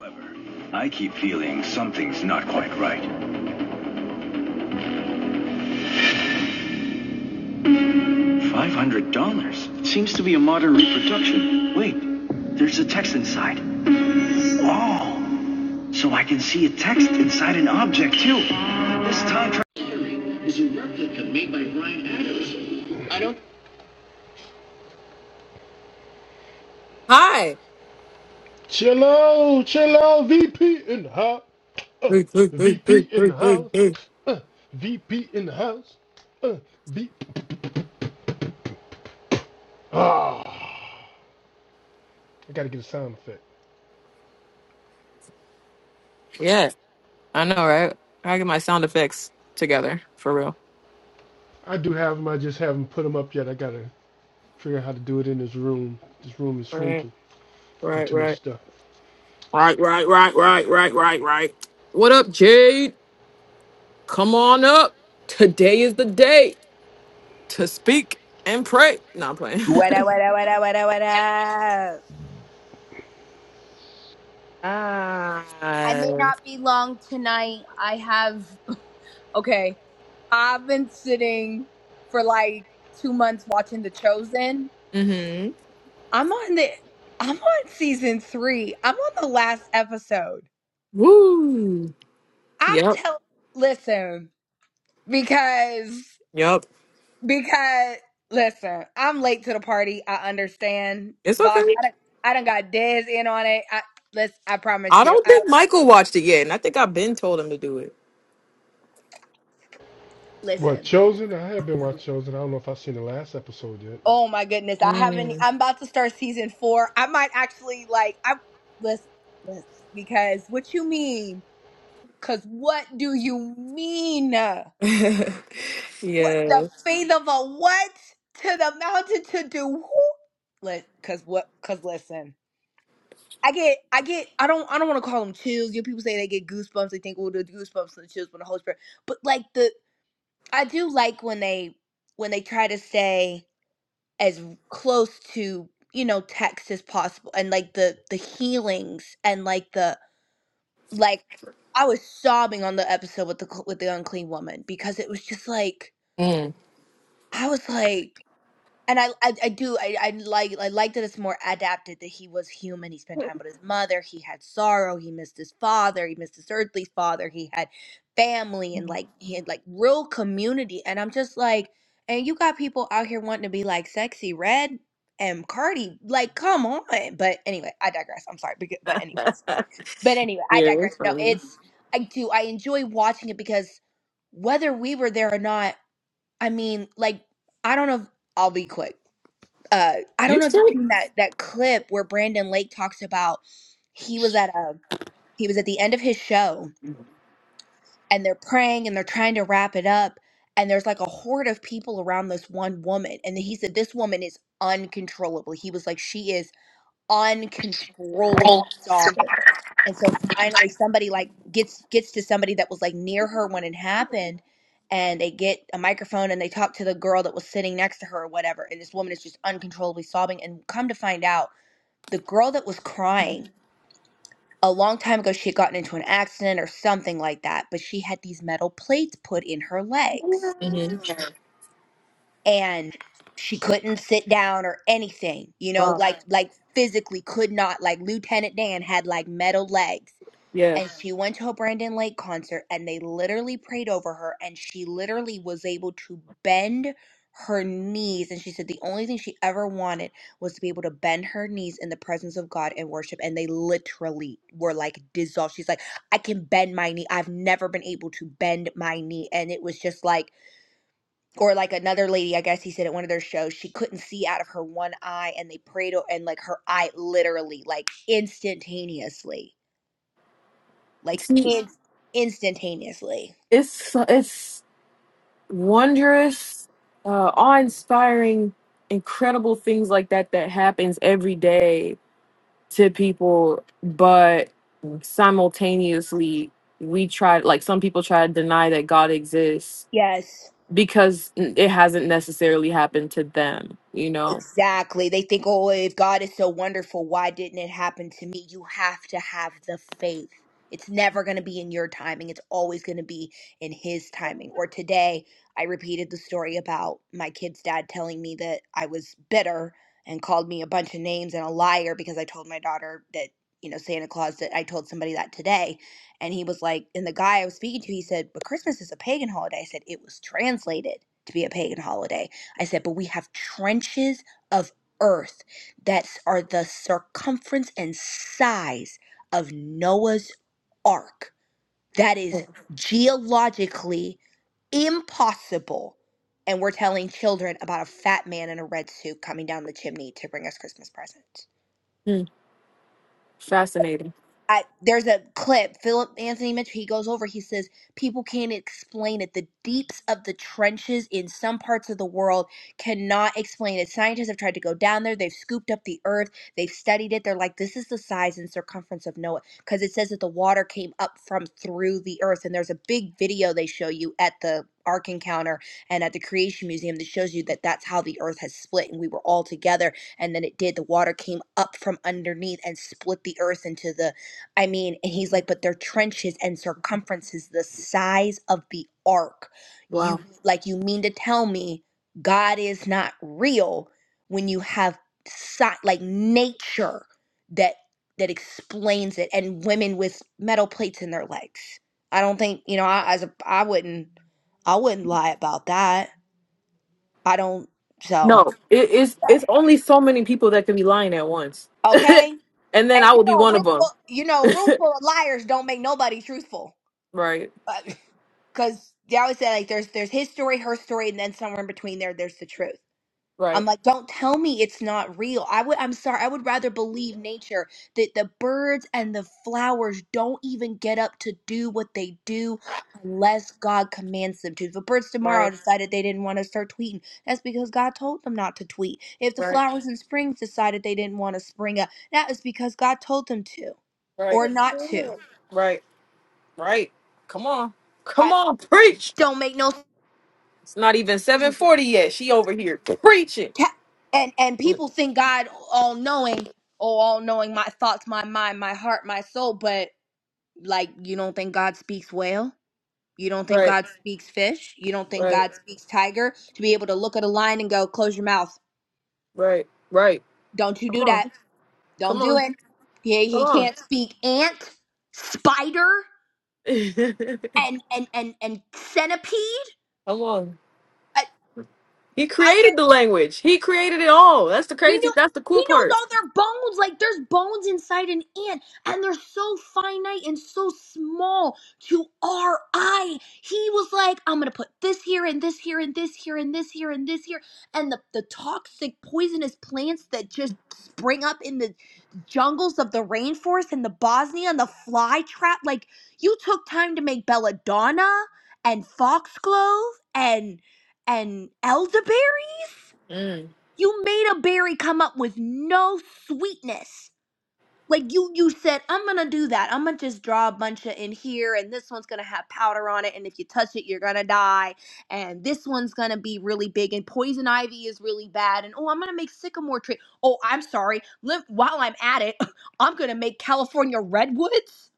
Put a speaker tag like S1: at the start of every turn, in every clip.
S1: However, I keep feeling something's not quite right. $500? Seems to be a modern reproduction. Wait, there's a text inside. Oh, so I can see a text inside an object too. This time tra- is a replica made by Brian Adams. I don't.
S2: Hi.
S1: Chill out, chill out, VP in the house. Uh,
S2: Three, three, three, three,
S1: VP in
S2: three,
S1: the
S2: three,
S1: house.
S2: three.
S1: Uh, VP in the house. Uh, VP. Ah, I gotta get a sound effect.
S2: Yeah, I know, right? I get my sound effects together for real.
S1: I do have them. I just haven't put them up yet. I gotta figure out how to do it in this room. This room is
S2: Right,
S1: shrinking. Doing
S2: right,
S1: too much
S2: right,
S1: stuff.
S2: right, right, right, right, right, right, right. What up, Jade? Come on up. Today is the day to speak and pray. No, I'm playing.
S3: What up, what up, what up, what up, what up?
S2: ah.
S3: I may not be long tonight. I have. Okay. I've been sitting for like two months watching The Chosen.
S2: Mm-hmm.
S3: I'm on the. I'm on season three. I'm on the last episode.
S2: Woo.
S3: I'm
S2: Yep.
S3: telling. Listen, because.
S2: Yep.
S3: Because. Listen, I'm late to the party. I understand.
S2: It's
S3: Vosh,
S2: okay.
S3: I done, I done got Dez in on it. I, let's, I
S2: I
S3: promise you.
S2: don't
S3: I
S2: think Michael watched it yet, and I think I've been told him to do it.
S1: Well,
S3: Listen.
S1: Chosen, I have been watching Chosen. I don't know if I've seen the last episode yet.
S3: Oh my goodness. I haven't
S2: Mm.
S3: I'm about to start season 4. I might actually like I listen, listen because what you mean? Cuz what do you mean? What
S2: yeah.
S3: the faith of a what to the mountain to do who? Let cuz what cuz listen. I get I get I don't I don't want to call them chills. You know, people say they get goosebumps. They think oh the goosebumps and the chills when the Holy Spirit. But like the I do like when they when they try to say as close to you know text as possible and like the the healings and like the like i was sobbing on the episode with the cl- with the unclean woman because it was just like
S2: Mm.
S3: i was like and I, I I do I, I like I like that it's more adapted that he was human. He spent time with his mother. He had sorrow. He missed his father. He missed his earthly father. He had family and like he had like real community. And I'm just like, and you got people out here wanting to be like sexy red and Cardi. Like, come on. But anyway, I digress. I'm sorry. But, but anyways, but anyway, I
S2: Yeah, it's
S3: digress. No,
S2: funny.
S3: it's I do I enjoy watching it because whether we were there or not, I mean, like I don't know. if- I'll be quick uh I don't
S2: You
S3: know if you've
S2: still
S3: seen that that clip where Brandon Lake talks about he was at a he was at the end of his show and they're praying and they're trying to wrap it up and there's like a horde of people around this one woman and he said this woman is uncontrollable. He was like she is uncontrollably sobbing. And so finally somebody like gets gets to somebody that was like near her when it happened and they get a microphone and they talk to the girl that was sitting next to her or whatever and this woman is just uncontrollably sobbing and come to find out the girl that was crying a long time ago she had gotten into an accident or something like that but she had these metal plates put in her legs
S2: Mhm. yeah.
S3: and she couldn't sit down or anything you know
S2: Wow.
S3: like like physically could not like lieutenant dan had like metal legs
S2: Yeah.
S3: and she went to a Brandon Lake concert and they literally prayed over her and she literally was able to bend her knees and she said the only thing she ever wanted was to be able to bend her knees in the presence of God and worship and they literally were like dissolved she's like I can bend my knee I've never been able to bend my knee and it was just like or like another lady I guess he said at one of their shows she couldn't see out of her one eye and they prayed o- and like her eye literally like instantaneously like
S2: See,
S3: in- instantaneously.
S2: it's so, it's wondrous, uh, awe-inspiring, incredible things like that that happens every day to people, but simultaneously we try like some people try to deny that God exists
S3: Yes.
S2: because it hasn't necessarily happened to them, you know.
S3: Exactly. They think, oh, if God is so wonderful, why didn't it happen to me? You have to have the faith. It's never going to be in your timing. It's always going to be in His timing. Or today, I repeated the story about my kid's dad telling me that I was bitter and called me a bunch of names and a liar because I told my daughter that, you know, Santa Claus, that I told somebody that today. And he was like, and the guy I was speaking to, he said, but Christmas is a pagan holiday. I said, it was translated to be a pagan holiday. I said, but we have trenches of earth that are the circumference and size of Noah's ark. That is geologically impossible. And we're telling children about a fat man in a red suit coming down the chimney to bring us Christmas presents.
S2: Hmm. Fascinating.
S3: I there's a clip. Philip Anthony Mitchell. He goes over. He says people can't explain it. The deeps of the trenches in some parts of the world cannot explain it. Scientists have tried to go down there. They've scooped up the earth. They've studied it. They're like, this is the size and circumference of Noah, because it says that the water came up from through the earth. And there's a big video they show you at the Ark Encounter and at the Creation Museum that shows you that that's how the earth has split, and we were all together. And then it did. The water came up from underneath and split the earth into the I mean, and he's like, but their trenches and circumferences the size of the ark.
S2: Wow.
S3: You like you mean to tell me God is not real when you have si- like nature that that explains it and women with metal plates in their legs. I don't think, you know, I as a I wouldn't I wouldn't lie about that. I don't so
S2: No, it is. It's only so many people that can be lying at once,
S3: okay.
S2: and then
S3: And
S2: I
S3: you
S2: will be
S3: know, a
S2: one of
S3: room full,
S2: them.
S3: you know, a room full of liars don't make nobody truthful.
S2: Right,
S3: because they always say like there's there's his story, her story, and then somewhere in between there there's the truth. I'm
S2: right,
S3: like, don't tell me it's not real. I would I'm sorry, I would rather believe nature that the birds and the flowers don't even get up to do what they do unless God commands them to. If the birds
S2: right,
S3: tomorrow decided they didn't want to start tweeting, that's because God told them not to tweet. If the
S2: right,
S3: flowers in springs decided they didn't want to spring up, that is because God told them to
S2: right,
S3: or not to.
S2: right, right. Come on, come
S3: I
S2: on, preach.
S3: don't make no
S2: It's not even seven
S3: sense.
S2: forty yet. She over here preaching.
S3: Ca- and and people think God all knowing oh, all knowing my thoughts, my mind, my heart, my soul, but like you don't think God speaks whale? You don't think
S2: Right,
S3: God Right. speaks fish? You don't think
S2: right,
S3: God Right. speaks tiger to be able to look at a lion and go, "Close your mouth.
S2: right, right.
S3: Don't you
S2: Come
S3: do
S2: on,
S3: that. Don't
S2: come
S3: do
S2: on,
S3: it." Yeah, he
S2: come
S3: he
S2: on,
S3: can't speak ant, spider, and and and and centipede.
S2: come on. He
S3: I'll
S2: created the language. He created it all. That's the
S3: He knew
S2: crazy. That's the cool
S3: he knows
S2: part.
S3: all their bones. Like there's bones inside an ant, and they're so finite and so small to our eye. He was like, I'm gonna put this here and this here and this here and this here and this here. And the, the toxic poisonous plants that just spring up in the jungles of the rainforest and the Bosnia and the fly trap. Like you took time to make belladonna and foxglove and and elderberry
S2: Mm.
S3: you made a berry come up with no sweetness. Like you you said, I'm gonna do that. I'm gonna just draw a bunch of in here, and this one's gonna have powder on it, and if you touch it, you're gonna die. And this one's gonna be really big, and poison ivy is really bad. And oh, I'm gonna make sycamore tree. Oh, I'm sorry. Lim- while I'm at it, I'm gonna make California redwoods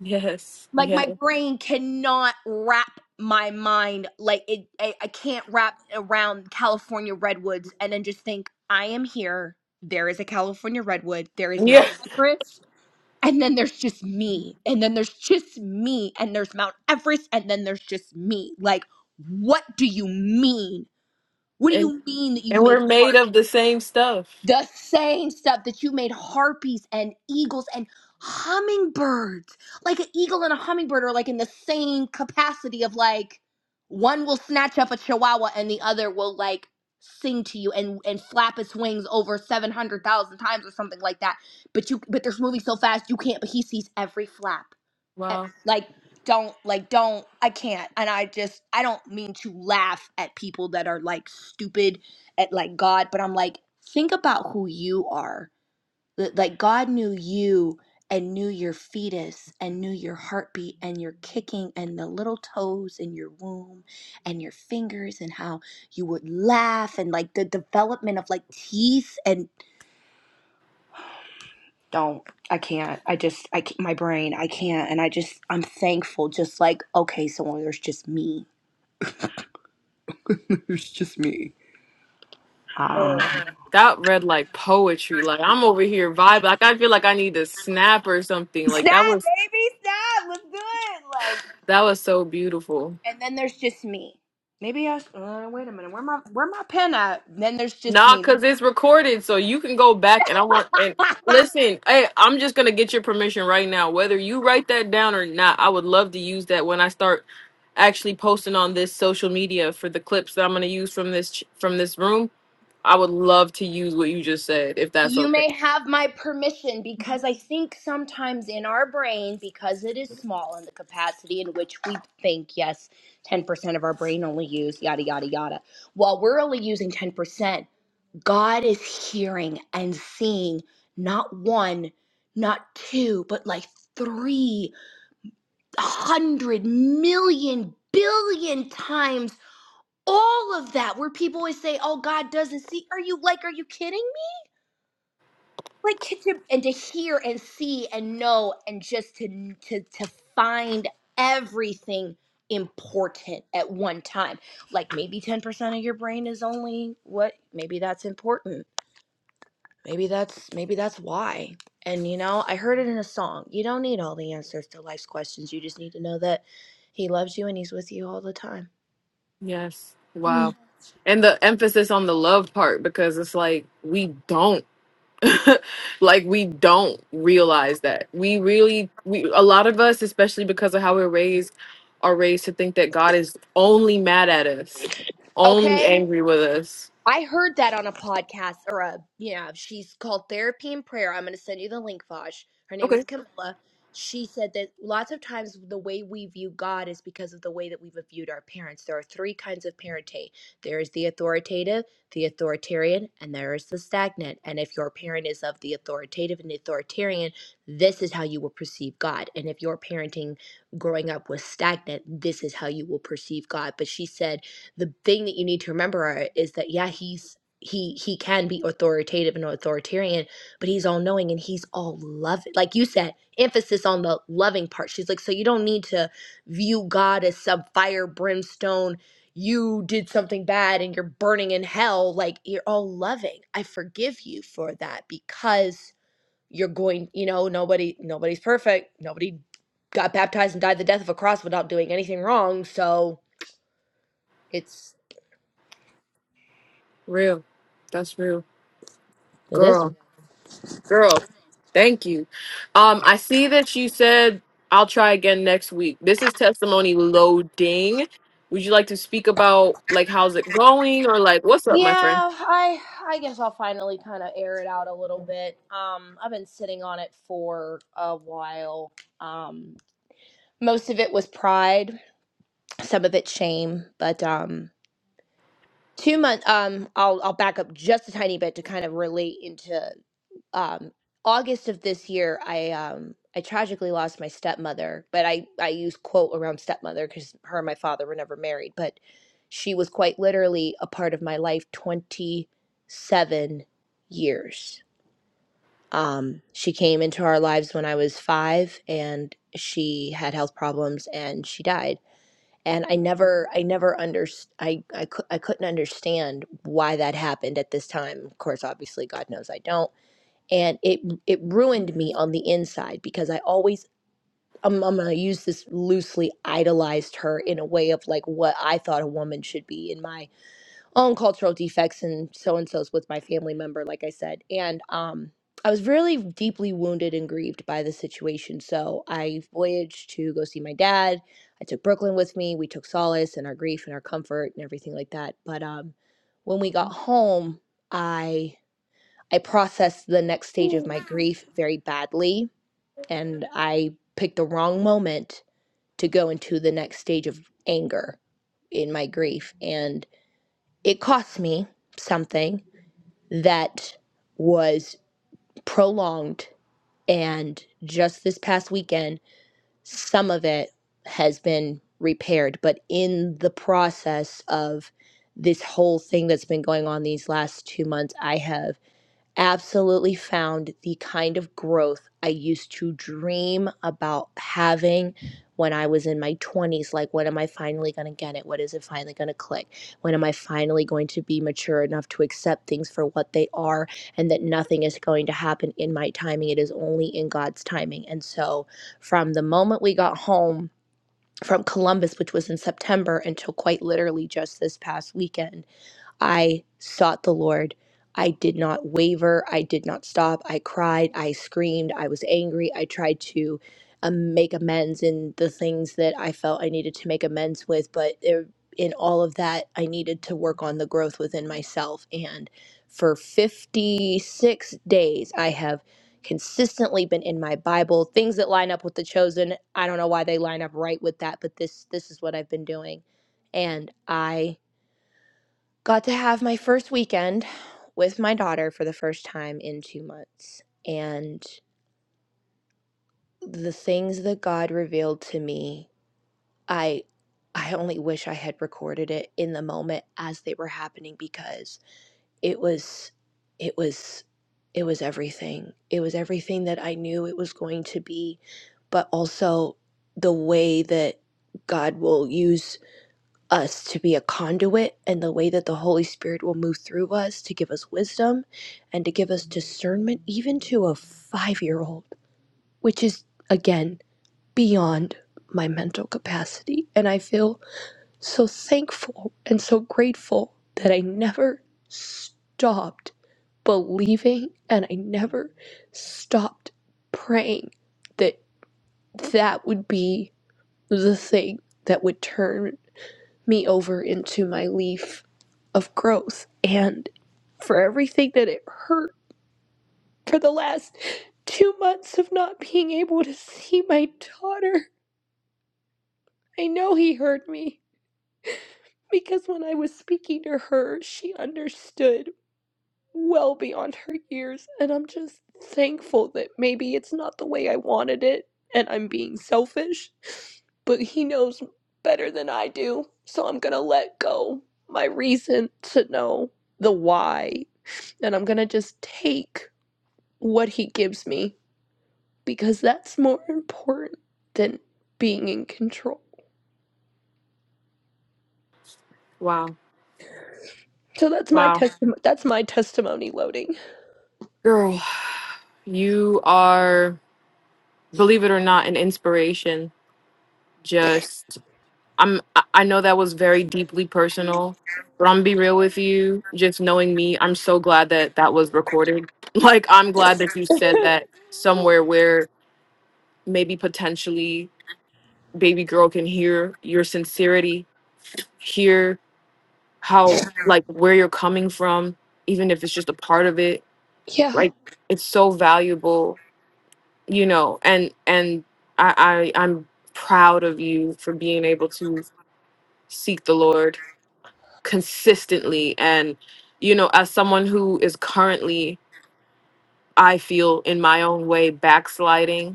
S2: Yes.
S3: like
S2: Yes.
S3: my brain cannot wrap my mind like it I, I can't wrap around california redwoods and then just think i am here there is a california redwood there is
S2: Yeah.
S3: mount everest and then there's just me and then there's just me and there's mount everest and then there's just me like what do you mean what do you mean that you've
S2: And
S3: made
S2: we're
S3: a
S2: made of the same stuff.
S3: the same stuff that you made harpies and eagles and hummingbirds. Like an eagle and a hummingbird are like in the same capacity of like one will snatch up a chihuahua and the other will like sing to you and and flap its wings over 700,000 times or something like that. But you but they're moving so fast you can't but he sees every flap at-
S2: Wow.
S3: like don't like don't i can't and i just i don't mean to laugh at people that are like stupid at like god but i'm like think about who you are Th- like god knew you and knew your fetus and knew your heartbeat and your kicking and the little toes in your womb and your fingers and how you would laugh and like the development of like teeth and don't i can't i just i ca- my brain i can't and i just i'm thankful just like okay so there's just me there's just me. i don't know
S2: Oh. That read like poetry. Like I'm over here vibing. Like I feel like I need to snap or something. Like that
S3: snap
S2: was
S3: baby snap let's do it like
S2: that was so beautiful.
S3: and then there's just me maybe I uh, wait a minute where my where my pen at then there's just
S2: Nah,
S3: me
S2: cause it's recorded, so you can go back and I want and listen, hey, I'm just gonna get your permission right now. Whether you write that down or not, I would love to use that when I start actually posting on this social media for the clips that I'm gonna use from this ch- from this room. I would love to use what you just said, if that's
S3: You
S2: okay.
S3: may have my permission because I think sometimes in our brain, because it is small in the capacity in which we think, yes, 10% of our brain only use yada, yada, yada. While we're only using 10%, God is hearing and seeing not one, not two, but like 300 million billion times all of that. Where people always say, oh, God doesn't see. Are you like, are you kidding? like to, to- and to hear and see and know and just to to to find everything important at one time like maybe 10% of your brain is only what maybe that's important maybe that's maybe that's why and you know i heard it in a song you don't need all the answers to life's questions you just need to know that he loves you and he's with you all the time
S2: Yes.
S3: Mm.
S2: Wow. And the emphasis on the love part because it's like we don't like we don't realize that. We really we a lot of us especially because of how we're raised are raised to think that God is only mad at us, only
S3: okay
S2: angry with us.
S3: I heard that on a podcast or a yeah, she's called Therapy and Prayer. I'm gonna send you the link, Fosh. Her name is
S2: Okay.
S3: Camilla. She said that lots of times the way we view God is because of the way that we've viewed our parents. There are three kinds of parenting. There is the authoritative, the authoritarian, and there is the stagnant. And if your parent is of the authoritative and authoritarian, this is how you will perceive God. And if your parenting growing up was stagnant, this is how you will perceive God. But she said the thing that you need to remember is that yeah he's he he can be authoritative and authoritarian but he's all knowing and he's all loving like you said emphasis on the loving part she's like so you don't need to view god as some fire brimstone you did something bad and you're burning in hell like you're all loving i forgive you for that because you're going you know nobody nobody's perfect nobody got baptized and died the death of a cross without doing anything wrong so it's
S2: Real. That's real.
S3: it is.
S2: Girl. Girl, thank you. Um, I see that you said I'll try again next week. This is testimony loading. Would you like to speak about like how's it going or like what's up, my friend?
S3: Yeah, I I guess I'll finally kind of air it out a little bit. Um, I've been sitting on it for a while. Um, most of it was pride, some of it shame, but um, two month um, I'll I'll back up just a tiny bit to kind of relate into um August of this year, I um I tragically lost my stepmother, but I I use quote around stepmother because her and my father were never married, but she was quite literally a part of my life 27 years. Um, she came into our lives when I was five, and she had health problems, and she died. And I never, I never under, I, I, cou- I couldn't understand why that happened at this time. Of course, obviously, God knows I don't and it it ruined me on the inside because I always I'm, I'm gonna use this loosely idolized her in a way of like what I thought a woman should be in my own cultural defects and so and so's with my family member, like I said, and um. I was really deeply wounded and grieved by the situation. So I voyaged to go see my dad. I took Brooklyn with me. We took solace in our grief and our comfort and everything like that. But um, when we got home, I. I processed the next stage of my grief very badly, and I picked the wrong moment to go into the next stage of anger in my grief. And it cost me something that was prolonged. And just this past weekend, some of it has been repaired. But in the process of this whole thing that's been going on these last two months, I have absolutely found the kind of growth I used to dream about having when I was in my 20s. Like, when am I finally going to get it? What is it finally going to click? When am I finally going to be mature enough to accept things for what they are and that nothing is going to happen in my timing? It is only in God's timing. And so, from the moment we got home, from Columbus, which was in September, until quite literally just this past weekend. I sought the Lord. I did not waver. I did not stop. I cried. I screamed. I was angry. I tried to um, make amends in the things that I felt I needed to make amends with. But there, in all of that, I needed to work on the growth within myself. And for 56 days, I have consistently been in my bible things that line up with the chosen i don't know why they line up right with that but this this is what i've been doing and i Got to have my first weekend with my daughter for the first time in two months. And the things that God revealed to me, I I only wish I had recorded it in the moment as they were happening because it was it was it was everything. It was everything that I knew it was going to be, but also the way that God will use us to be a conduit and the way that the Holy Spirit will move through us to give us wisdom and to give us discernment, even to a five year old, which is, again, beyond my mental capacity. And I feel so thankful and so grateful that I never stopped believing and I never stopped praying that that would be the thing that would turn me over into my leaf of growth and for everything that it hurt for the last two months of not being able to see my daughter. I know he heard me because when I was speaking to her, she understood well beyond her years, and I'm just thankful that maybe it's not the way I wanted it and I'm being selfish, but he knows better than I do, so I'm gonna let go my reason to know the why and I'm gonna just take. what he gives me because that's more important than being in control.
S2: Wow.
S3: So that's my
S2: Wow.
S3: testimony. That's my testimony loading.
S2: Girl, you are believe it or not an inspiration. Just I'm I I know that was very deeply personal, but I'm gonna be real with you. Just knowing me, I'm so glad that that was recorded. Like I'm glad that you said that somewhere where maybe potentially baby girl can hear your sincerity hear how like where you're coming from even if it's just a part of it
S3: Yeah.
S2: like it's so valuable you know and and i, I i'm proud of you for being able to seek the lord consistently and you know as someone who is currently i feel in my own way backsliding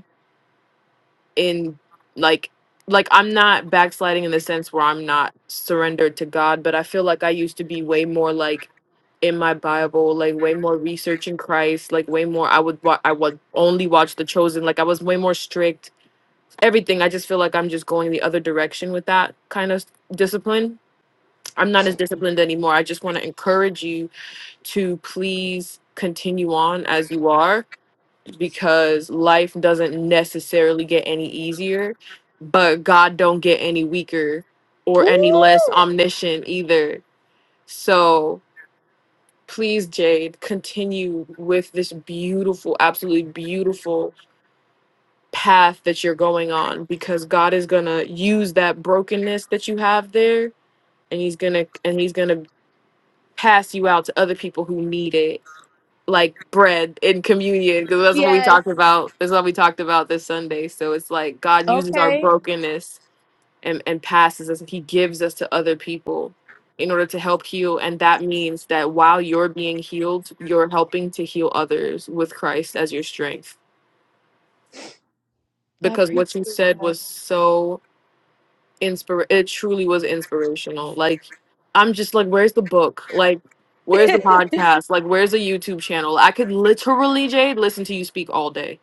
S2: in like like I'm not backsliding in the sense where I'm not surrendered to God, but I feel like I used to be way more like in my Bible, like way more researching Christ, like way more I would wa- I would only watch The Chosen, like I was way more strict. Everything I just feel like I'm just going the other direction with that kind of discipline. I'm not as disciplined anymore. I just want to encourage you to please continue on as you are because life doesn't necessarily get any easier, but God don't get any weaker or
S3: Ooh.
S2: any less omniscient either. So please, Jade, continue with this beautiful, absolutely beautiful path that you're going on because God is gonna use that brokenness that you have there and he's gonna and he's gonna pass you out to other people who need it like bread in communion because that's
S3: Yeah.
S2: what we talked about. That's what we talked about this Sunday. So it's like God uses our brokenness and, and passes us. and He gives us to other people in order to help heal. And that means that while you're being healed, you're helping to heal others with Christ as your strength.
S3: I
S2: Because what you said was so inspir it truly was inspirational. Like I'm just like, where's the book? Like Where's the podcast? Like, where's the YouTube channel? I could literally, Jade, listen to you speak all day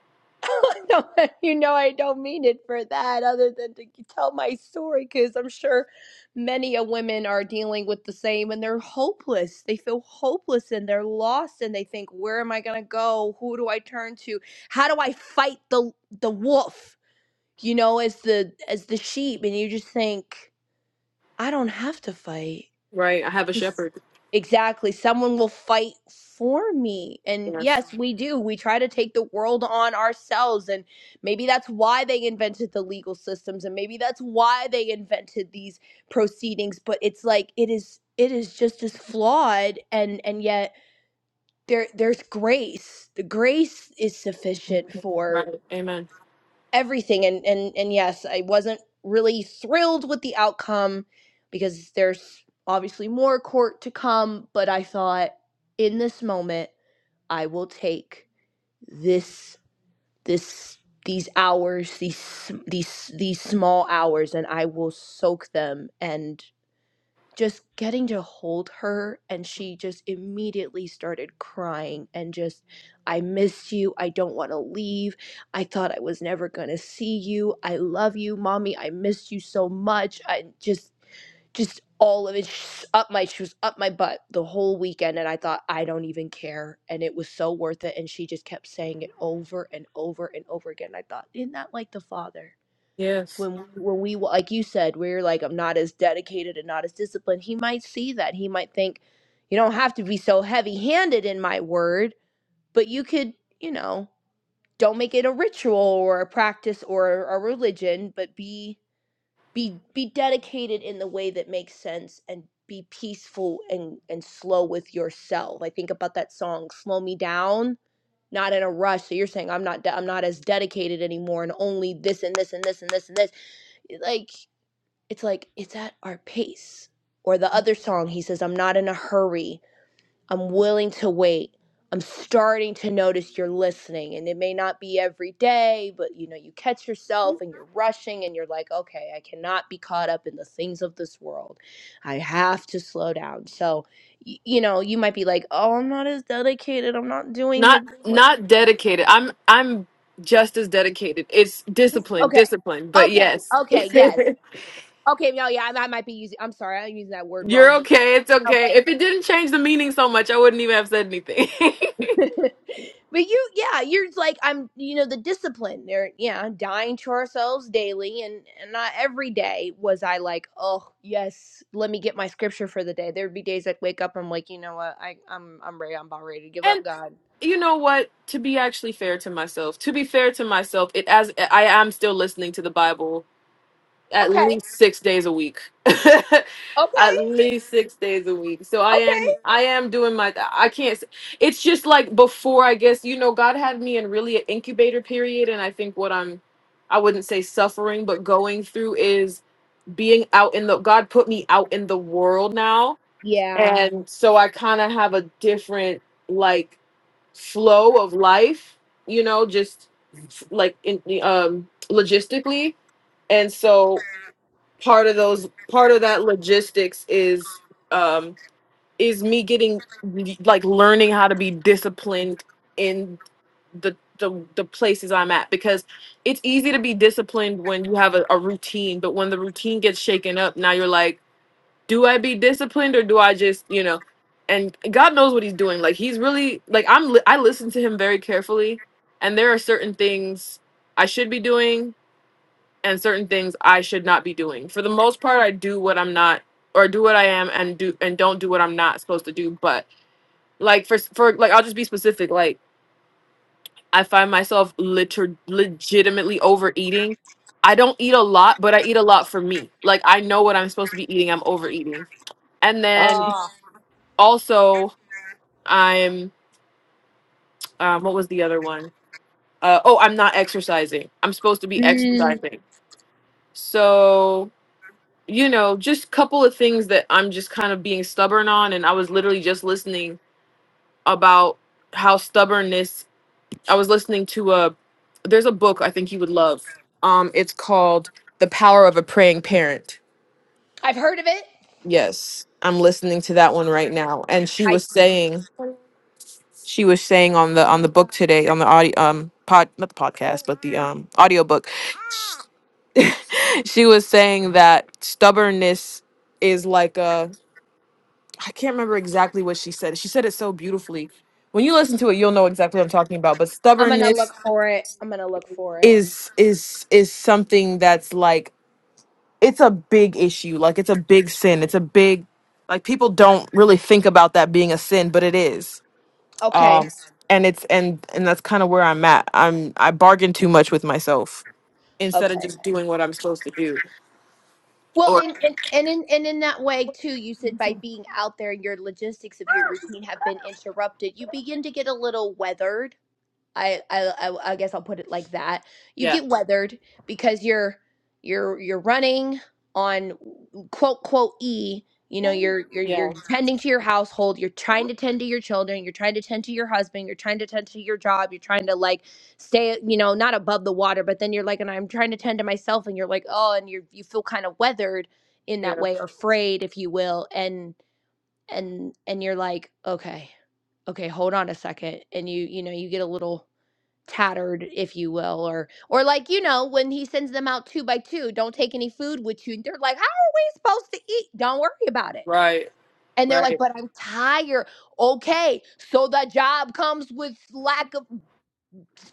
S3: know. you know, I don't mean it for that, other than to tell my story, because I'm sure many a women are dealing with the same, and they're hopeless. They feel hopeless, and they're lost, and they think, "Where am I gonna go? Who do I turn to? How do I fight the the wolf?" you know, as the as the sheep and you just think, I don't have to fight.
S2: Right. I have a shepherd.
S3: Exactly. Someone will fight for me. And
S2: Yes.
S3: yes, we do. We try to take the world on ourselves and maybe that's why they invented the legal systems and maybe that's why they invented these proceedings, but it's like it is it is just as flawed and and yet there there's grace. The grace is sufficient for
S2: Right. Amen.
S3: everything and and and yes i wasn't really thrilled with the outcome because there's obviously more court to come but i thought in this moment i will take this this these hours these these these small hours and i will soak them and just getting to hold her and she just immediately started crying and just I missed you. I don't want to leave. I thought I was never going to see you. I love you, Mommy. I missed you so much. I just just all of it sh- up my she was up my butt the whole weekend and I thought I don't even care and it was so worth it and she just kept saying it over and over and over again. I thought, isn't that like the father?
S2: Yes.
S3: when we- when we like you said we're like i'm not as dedicated and not as disciplined he might see that he might think you don't have to be so heavy handed in my word but you could you know don't make it a ritual or a practice or a religion but be be be dedicated in the way that makes sense and be peaceful and and slow with yourself i think about that song slow me down not in a rush so you're saying i'm not de- i'm not as dedicated anymore and only this and this and this and this and this like it's like it's at our pace or the other song he says i'm not in a hurry i'm willing to wait i'm starting to notice you're listening and it may not be every day but you know you catch yourself and you're rushing and you're like okay i cannot be caught up in the things of this world i have to slow down so y- you know you might be like oh i'm not as dedicated i'm not doing the
S2: Not
S3: good work."
S2: not dedicated. I'm I'm just as dedicated. It's discipline,
S3: okay
S2: discipline. But
S3: okay
S2: yes.
S3: okay yes okay no yeah i, I might be using i'm sorry i'm using that word
S2: You're
S3: wrong but
S2: okay. It's
S3: you know, but
S2: okay. If it didn't change the meaning so much, I wouldn't even have said anything.
S3: but you yeah you're like i'm you know the discipline They're yeah dying to ourselves daily and and not every day was i like oh yes let me get my scripture for the day there'd be days i'd wake up i'm like you know what i i'm i'm ready i'm about ready to give up
S2: and
S3: god
S2: you know what? To be actually fair to myself, to be fair to myself, it as I am still listening to the Bible at
S3: okay
S2: least six days a week
S3: okay
S2: at least six days a week so i am
S3: okay
S2: i am doing my i can't s- it's just like before i guess you know god had me in really an incubator period and i think what i'm i wouldn't say suffering but going through is being out in the god put me out in the world now
S3: yeah
S2: and so i kind of have a different like flow of life you know just like in um logistically and so part of those part of that logistics is um is me getting like learning how to be disciplined in the the, the places I'm at because it's easy to be disciplined when you have a, a routine, but when the routine gets shaken up, now you're like, do I be disciplined or do I just, you know, and God knows what he's doing. Like he's really like I'm li- I listen to him very carefully and there are certain things I should be doing and certain things I should not be doing. For the most part, I do what I'm not or do what I am and do and don't do what I'm not supposed to do. But like for for like I'll just be specific. Like I find myself liter- legitimately overeating. I don't eat a lot, but I eat a lot for me. Like I know what I'm supposed to be eating. I'm overeating. And then
S3: oh
S2: also I'm um what was the other one? Uh oh, I'm not exercising. I'm supposed to be exercising. So you know, just couple of things that I'm just kind of being stubborn on. And I was literally just listening about how stubbornness. I was listening to a there's a book I think you would love. Um, it's called The Power of a Praying Parent.
S3: i've heard of it
S2: Yes, I'm listening to that one right now. And she
S3: i
S2: was saying she was saying on the on the book today on the audio um pod not the podcast but the um audiobook she was saying that stubbornness is like a I can't remember exactly what she said. She said it so beautifully. When you listen to it, you'll know exactly what I'm talking about. But
S3: i'm gonna look
S2: stubbornness
S3: for it i'm gonna look for it
S2: is is is something that's like it's a big issue. Like it's a big sin. It's a big like people don't really think about that being a sin, but it is.
S3: okay
S2: Um and it's and and that's kind of where I'm at. I'm I bargain too much with myself instead
S3: okay
S2: of just doing what I'm supposed to do.
S3: Well,
S2: Or
S3: and, and and in and in that way too, you said by being out there, your logistics of your routine have been interrupted. You begin to get a little weathered, I, I I I guess I'll put it like that. You
S2: yeah.
S3: get weathered because you're you're you're running on quote quote E. You know, you're you're
S2: Yeah.
S3: you're tending to your household. You're trying to tend to your children. You're trying to tend to your husband. You're trying to tend to your job. You're trying to like stay, you know, not above the water, but then you're like, and I'm trying to tend to myself, and you're like, oh, and you you feel kind of weathered in that
S2: Yeah.
S3: way, or frayed, if you will, and and and you're like, okay, okay, hold on a second, and you you know you get a little tattered if you will or or like you know when he sends them out two by two don't take any food with you and they're like how are we supposed to eat don't worry about it
S2: Right.
S3: and they're
S2: Right.
S3: like but i'm tired okay so the job comes with lack of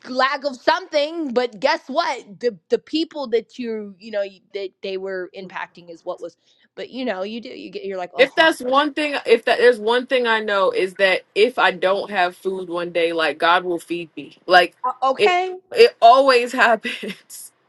S3: lack of something but guess what the the people that you you know you- that they were impacting is what was but you know you do you get you're like oh
S2: If
S3: i'm
S2: that's
S3: sorry
S2: one thing, if that there's one thing I know is that if I don't have food one day, like God will feed me. Like it,
S3: okay
S2: it always happens.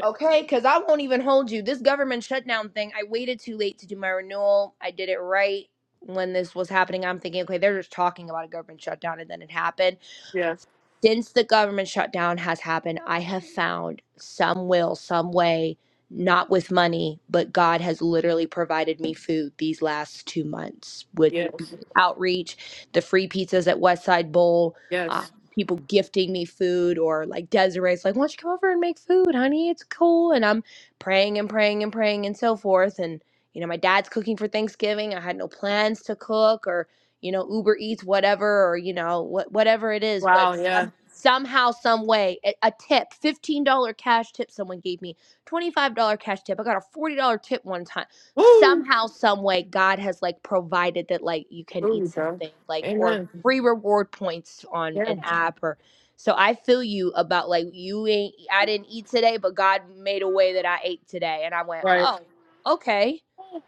S3: Okay, because I won't even hold you. This government shutdown thing, I waited too late to do my renewal. I did it right when this was happening. I'm thinking, okay, they're just talking about a government shutdown, and then it happened.
S2: Yeah.
S3: Since the government shutdown has happened, I have found some will, some way, not with money, but God has literally provided me food these last two months, with
S2: Yes.
S3: outreach, the free pizzas at Westside Bowl, um,
S2: Yes.
S3: people gifting me food or like Desiree's like, why don't you come over and make food, honey? It's cool. And I'm praying and praying and praying and so forth. And, you know, my dad's cooking for Thanksgiving. I had no plans to cook or, you know, Uber Eats, whatever, or, you know, what, whatever it is. But
S2: Wow. Yeah.
S3: some, somehow, some way, a, a tip, $15 cash tip someone gave me, $25 cash tip. I got a $40 tip one time
S2: Woo.
S3: somehow some way god has like provided that like you can eat
S2: Woo, bro.
S3: something like or
S2: Amen.
S3: free reward points on
S2: Yeah.
S3: an app or so i feel you about like you ain't i didn't eat today but god made a way that i ate today and i went
S2: Right.
S3: oh okay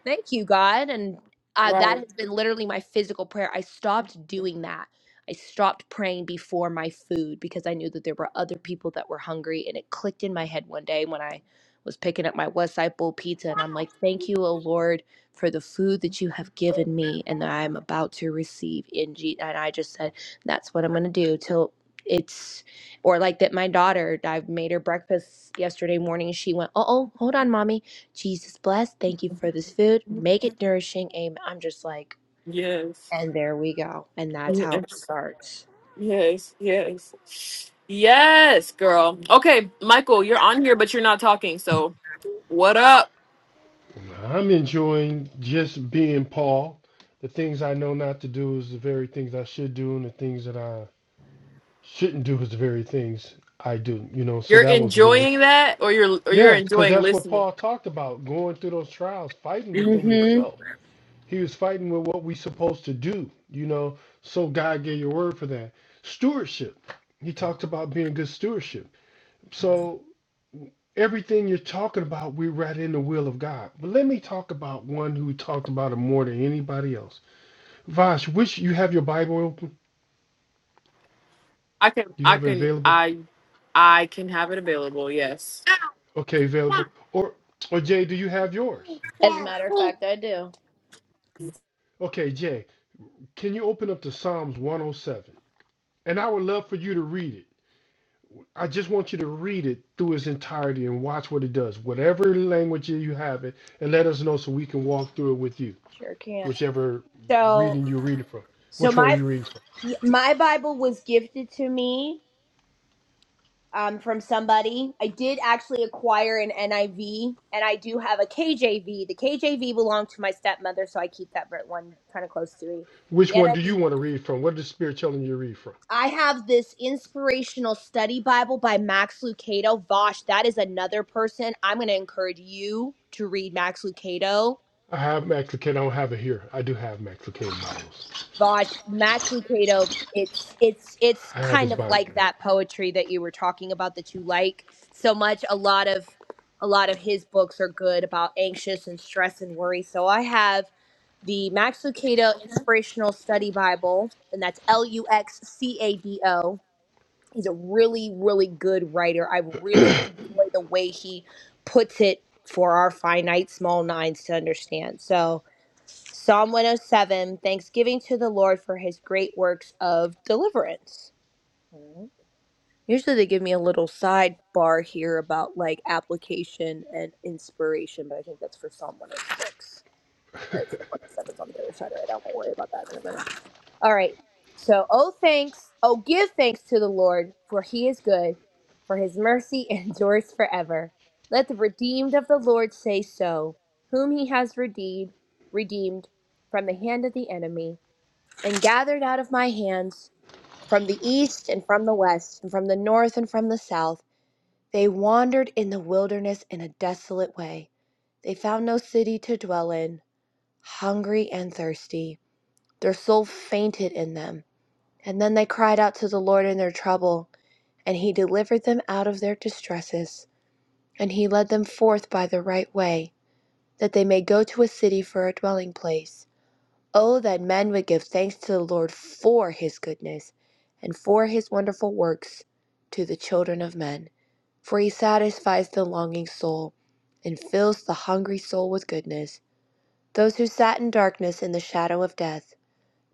S3: thank you god and uh, that
S2: Right.
S3: has been literally my physical prayer i stopped doing that i stopped praying before my food because i knew that there were other people that were hungry and it clicked in my head one day when i was picking up my West Side Bowl pizza, and I'm like, Thank you, O Lord, for the food that you have given me and that I am about to receive in G. And I just said, That's what I'm going to do till it's, or like that my daughter, I made her breakfast yesterday morning. She went, Uh oh, hold on, mommy. Jesus bless. Thank you for this food. Make it nourishing. Amen. I'm just like,
S2: Yes.
S3: and there we go. And that's how it
S2: Yes.
S3: starts.
S2: Yes. Yes. Yes, girl. Okay, Michael, you're on here, but you're not talking. So what up?
S1: I'm enjoying just being Paul. The things I know not to do is the very things I should do, and the things that I shouldn't do is the very things I do. You know, so
S2: You're
S1: that was one.
S2: enjoying that, or you're or you're
S1: Yeah, because
S2: enjoying
S1: that's what
S2: listening.
S1: Paul talked about going through those trials, fighting within
S3: hmm
S1: yourself He was fighting with what we supposed to do, you know. So God gave your word for that. Stewardship. He talked about being good stewardship. So everything you're talking about, we're right in the will of God. But let me talk about one who talked about it more than anybody else. Vash, which you have your Bible open?
S2: I can
S1: You
S2: I
S1: have it
S2: can
S1: available?
S2: I I can have it available, yes.
S1: Okay, available. Or or Jay, do you have yours?
S3: As a matter of fact, I do.
S1: Okay, Jay, can you open up to Psalms 107? And I would love for you to read it. I just want you to read it through its entirety and watch what it does, whatever language you have it, and let us know so we can walk through it with you,
S3: Sure can.
S1: whichever
S3: So,
S1: reading you're reading from.
S3: so
S1: Which
S3: my
S1: one you read, from?
S3: Y- My Bible was gifted to me um, from somebody. I did actually acquire an NIV, and I do have a KJV. The KJV belonged to my stepmother, so I keep that ver- one kind of close to me. The
S1: Which
S3: NIV.
S1: one
S3: I
S1: do you
S3: V.
S1: want to read from? What is the Spirit telling you to read from?
S3: I have this inspirational study Bible by Max Lucado. Vosh, that is another person. I'm going to encourage you to read Max Lucado
S1: I have Max Lucado. I don't have it here. I do have Max Lucado Bibles.
S3: Vosh, Max Lucado, it's it's it's
S1: I have
S3: kind
S1: his
S3: of
S1: Bible.
S3: like
S1: yes.
S3: that poetry that you were talking about that you like so much. A lot of a lot of his books are good about anxious and stress and worry. So I have the Max Lucado Inspirational Study Bible, and that's L U X C A D O he's a really really good writer i really enjoy the way he puts it for our finite small minds to understand so psalm 107 thanksgiving to the lord for his great works of deliverance Mhm. usually they give me a little sidebar here about like application and inspiration but i think that's for psalm 106 all right so 107 is on the other side right i won't worry about that in a minute all right. So, oh, thanks. Oh, give thanks to the Lord, for he is good, for his mercy endures forever. Let the redeemed of the Lord say so, whom he has redeemed, redeemed from the hand of the enemy, and gathered out of my hands from the east and from the west, and from the north and from the south. They wandered in the wilderness in a desolate way. They found no city to dwell in, hungry and thirsty. Their soul fainted in them and then they cried out to the Lord in their trouble, and he delivered them out of their distresses, and he led them forth by the right way, that they may go to a city for a dwelling place. Oh, that men would give thanks to the Lord for his goodness, and for his wonderful works to the children of men. For he satisfies the longing soul, and fills the hungry soul with goodness. Those who sat in darkness in the shadow of death,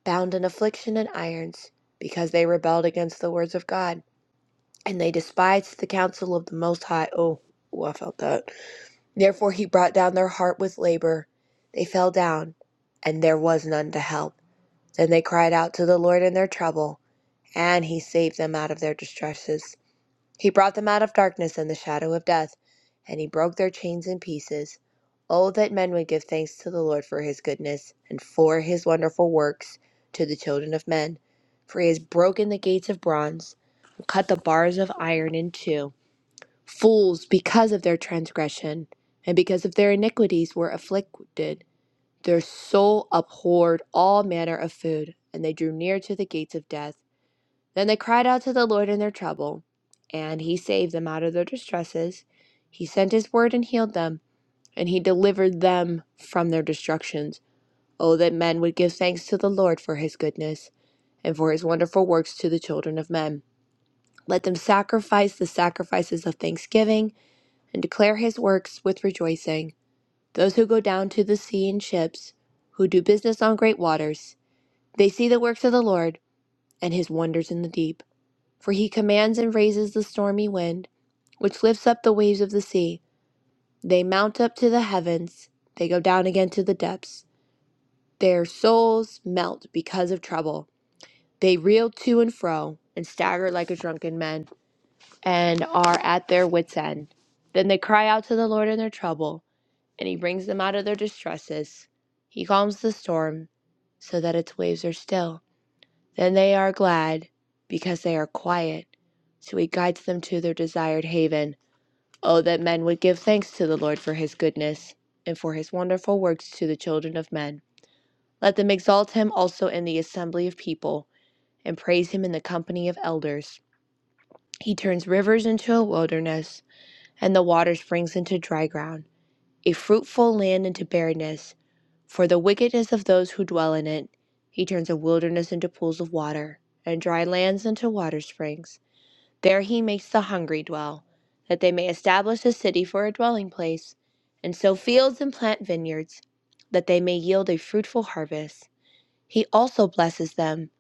S3: bound in affliction and irons, because they rebelled against the words of God and they despised the counsel of the Most High. Oh, ooh, I felt that. Therefore he brought down their heart with labor. They fell down, and there was none to help. Then they cried out to the Lord in their trouble, and he saved them out of their distresses. He brought them out of darkness and the shadow of death, and he broke their chains in pieces. Oh, that men would give thanks to the Lord for his goodness, and for his wonderful works to the children of men. For he has broken the gates of bronze, and cut the bars of iron in two. Fools, because of their transgression and because of their iniquities, were afflicted. Their soul abhorred all manner of food, and they drew near to the gates of death. Then they cried out to the Lord in their trouble, and he saved them out of their distresses. He sent his word and healed them, and he delivered them from their destructions. Oh, that men would give thanks to the Lord for his goodness, and for his wonderful works to the children of men. Let them sacrifice the sacrifices of thanksgiving and declare his works with rejoicing. Those who go down to the sea in ships, who do business on great waters, they see the works of the Lord and his wonders in the deep. For he commands and raises the stormy wind, which lifts up the waves of the sea. They mount up to the heavens, they go down again to the depths. Their souls melt because of trouble. They reel to and fro and stagger like a drunken man and are at their wits' end. Then they cry out to the Lord in their trouble and he brings them out of their distresses. He calms the storm so that its waves are still. Then they are glad because they are quiet. So he guides them to their desired haven. Oh, that men would give thanks to the Lord for his goodness and for his wonderful works to the children of men. Let them exalt him also in the assembly of people and praise him in the company of elders. He turns rivers into a wilderness and the water springs into dry ground, a fruitful land into barrenness For the wickedness of those who dwell in it, he turns a wilderness into pools of water, and dry lands into water springs. There he makes the hungry dwell, that they may establish a city for a dwelling place, and sow fields and plant vineyards, that they may yield a fruitful harvest. He also blesses them,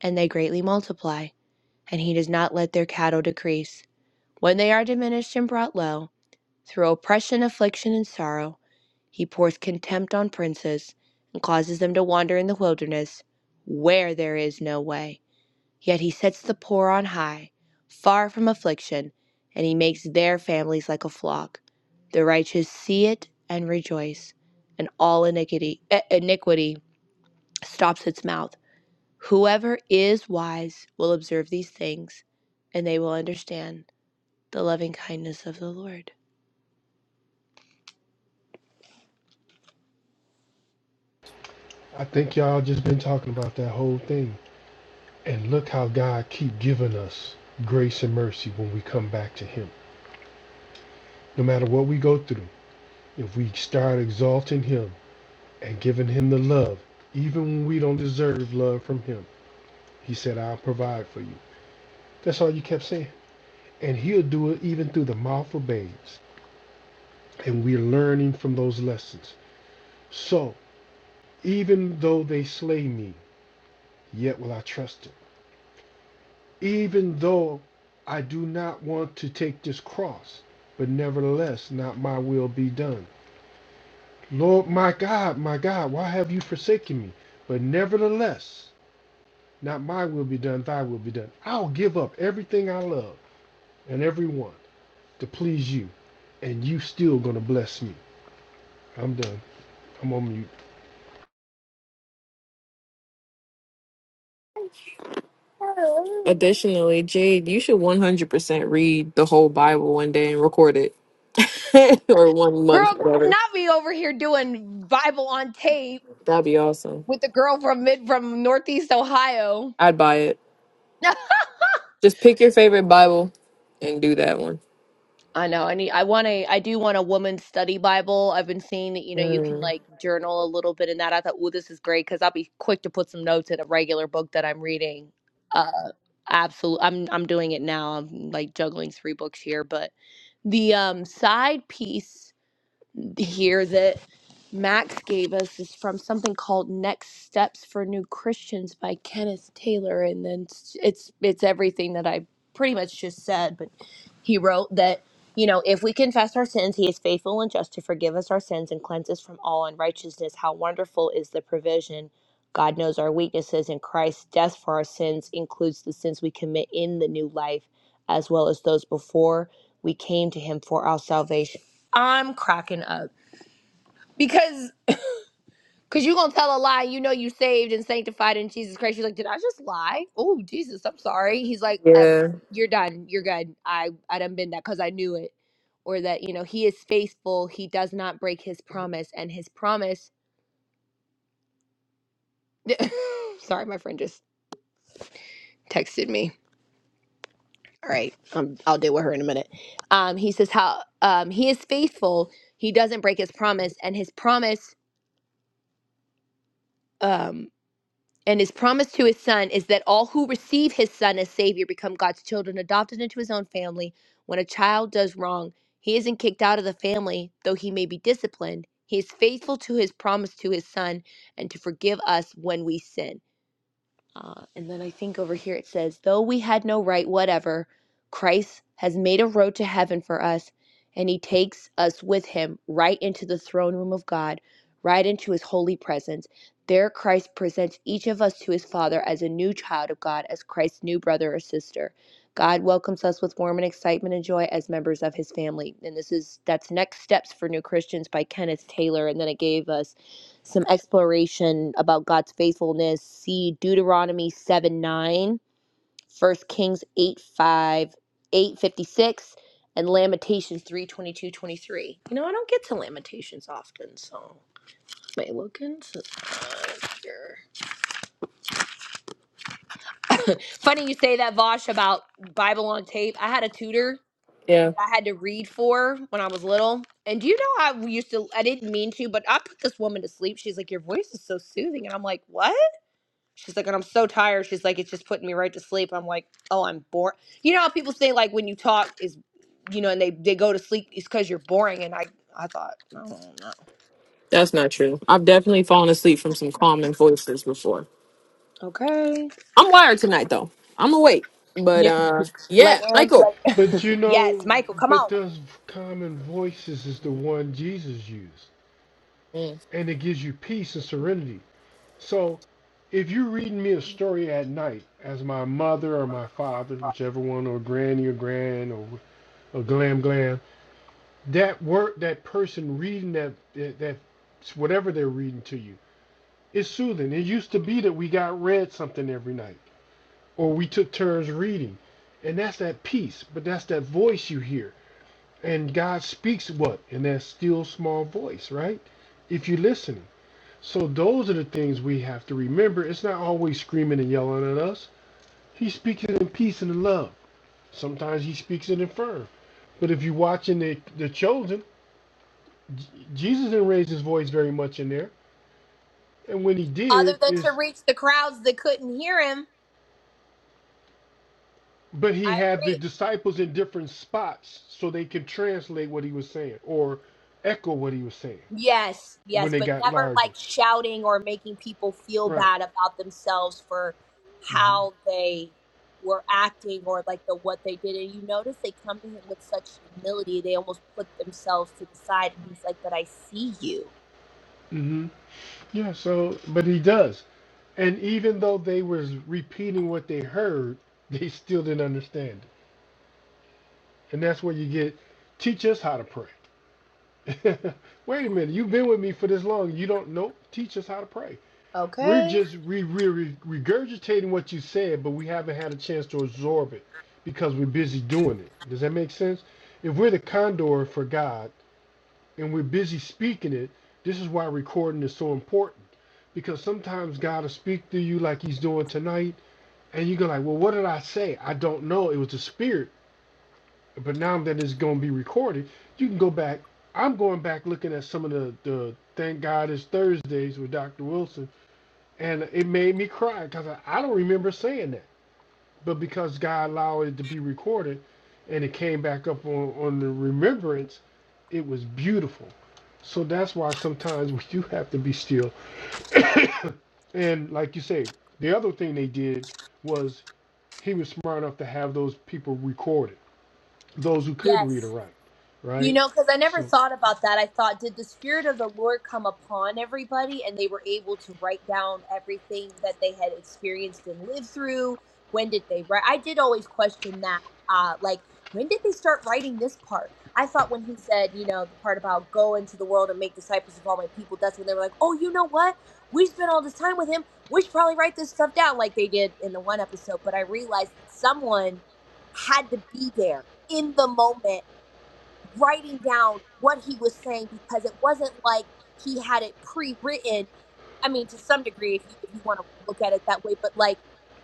S3: and they greatly multiply, and he does not let their cattle decrease. When they are diminished and brought low, through oppression, affliction, and sorrow, he pours contempt on princes and causes them to wander in the wilderness where there is no way. Yet he sets the poor on high, far from affliction, and he makes their families like a flock. The righteous see it and rejoice, and all iniquity, eh, iniquity stops its mouth. Whoever is wise will observe these things, and they will understand the loving kindness of the Lord.
S1: I think y'all just been talking about that whole thing. And look how God keep giving us grace and mercy when we come back to him. No matter what we go through, if we start exalting him, and giving him the love, even when we don't deserve love from him. He said, I'll provide for you. That's all you kept saying. And he'll do it even through the mouth of babes. And we're learning from those lessons. So, even though they slay me, yet will I trust him. Even though I do not want to take this cross, but nevertheless, not my will be done. Lord, my God, my God, why have you forsaken me? But nevertheless, Not my will be done, thy will be done. I'll give up everything I love and everyone to please you, and you still gonna bless me. I'm done. I'm on mute.
S2: Additionally, Jade, you should 100% read the whole Bible one day and record it. or one month, whatever.
S3: not be over here doing Bible on tape
S2: That'd be awesome.
S3: with the girl from mid from Northeast Ohio.
S2: I'd buy it. Just pick your favorite Bible and do that one.
S3: I know. I need. I want a. I do want a woman's study Bible. I've been seeing that. You know, you can
S2: Mm,
S3: like journal a little bit in that. I thought, oh, this is great because I'll be quick to put some notes in a regular book that I'm reading. Uh, absolutely. I'm I'm doing it now. I'm like juggling three books here, but the um side piece. here that Max gave us is from something called Next Steps for New Christians by Kenneth Taylor and then it's it's, it's everything that I pretty much just said but he wrote that you know if we confess our sins he is faithful and just to forgive us our sins and cleanse us from all unrighteousness how wonderful is the provision God knows our weaknesses and Christ's death for our sins includes the sins we commit in the new life as well as those before we came to him for our salvation I'm cracking up because because you're gonna tell a lie you know you saved and sanctified in jesus christ you're like did i just lie oh jesus i'm sorry he's like uh,
S2: yeah,
S3: you're done you're good i i done been that because i knew it or that you know he is faithful he does not break his promise and his promise sorry my friend just texted me all right um, i'll deal with her in a minute um he says how um he is faithful he doesn't break his promise and his promise um. And his promise to his son is that all who receive his son as Savior become God's children, adopted into his own family. When a child does wrong, he isn't kicked out of the family, though he may be disciplined. He is faithful to his promise to his son and to forgive us when we sin. Uh, and then I think over here it says, though we had no right whatever, Christ has made a road to heaven for us, and he takes us with him right into the throne room of God, right into his holy presence. There, Christ presents each of us to his Father as a new child of God, as Christ's new brother or sister. God welcomes us with warm and excitement and joy as members of his family. And this is that's Next Steps for New Christians by Kenneth Taylor. And then it gave us some exploration about God's faithfulness, see Deuteronomy 7 9, First Kings 8 5, 8 56, and Lamentations 3 22 23. You know, I don't get to Lamentations often, so may look into here. Funny you say that, Vosh, about Bible on tape. I had a tutor
S2: yeah,
S3: that I had to read for when I was little. And do you know I used to, I didn't mean to, but I put this woman to sleep. She's like, Your voice is so soothing. And I'm like, What? She's like, and I'm so tired. She's like, it's just putting me right to sleep. I'm like, oh, I'm bored. You know how people say like when you talk is, you know, and they they go to sleep is because you're boring. And I I thought, no, no,
S2: that's not true. I've definitely fallen asleep from some calming voices before.
S3: okay,
S2: I'm wired tonight, though. I'm awake. But
S3: Yep.
S2: uh, yeah,
S3: like Aaron,
S2: Michael.
S1: But
S3: like
S1: you
S3: yes,
S1: know,
S3: Michael, come
S1: but
S3: on.
S1: those common voices is the one Jesus used,
S2: Mm.
S1: and it gives you peace and serenity. So if you're reading me a story at night, as my mother or my father, whichever one, or granny or grand or, or glam glam, that word, that person reading that that, that whatever they're reading to you It's soothing. It used to be that we got read something every night, or we took turns reading, and that's that peace. But that's that voice you hear, and God speaks what in that still small voice, right? If you're listening. So those are the things we have to remember. It's not always screaming and yelling at us. He speaks it in peace and in love. Sometimes he speaks it in firm. But if you're watching the the chosen, J- Jesus didn't raise his voice very much in there. And when he did,
S3: Other than to
S1: is
S3: reach the crowds that couldn't hear him,
S1: But he
S3: I
S1: had the
S3: agree.
S1: disciples in different spots so they could translate what he was saying or echo what he was saying
S3: Yes,
S1: when
S3: yes,
S1: they
S3: but
S1: got
S3: never
S1: larger.
S3: like shouting or making people feel
S1: Right.
S3: bad about themselves for
S1: hmm
S3: how they were acting or like the what they did. And you notice they come to him with such humility, they almost put themselves to the side and he's like, "But I see you."
S1: hmm Yeah, so, but he does. And even though they was repeating what they heard, they still didn't understand it. And that's where you get, teach us how to pray. Wait a minute, you've been with me for this long. You don't know? Teach us how to pray. We're just re- re- regurgitating what you said, but we haven't had a chance to absorb it because we're busy doing it. Does that make sense? If we're the condor for God and we're busy speaking it, this is why recording is so important. Because sometimes God will speak to you like he's doing tonight, and you go like, well, what did I say? I don't know. It was the spirit. But now that it's going to be recorded, you can go back. I'm going back looking at some of the, the Thank God It's Thursdays with Dr. Wilson and it made me cry because I, I don't remember saying that. But because God allowed it to be recorded, and it came back up on, on the remembrance, it was beautiful. So that's why sometimes we do have to be still. And like you say, the other thing they did was he was smart enough to have those people recorded, those who could
S3: Yes.
S1: read or write,
S3: You
S1: right?
S3: know, because I never
S1: So,
S3: thought about that. I thought, did the Spirit of the Lord come upon everybody and they were able to write down everything that they had experienced and lived through? When did they write? I did always question that. Uh, like, when did they start writing this part? I thought when he said, you know, the part about go into the world and make disciples of all my people, that's when they were like, oh, you know what? We spent all this time with him. We should probably write this stuff down like they did in the one episode. But I realized that someone had to be there in the moment writing down what he was saying because it wasn't like he had it pre-written I mean, to some degree, if you, if you want to look at it that way, but like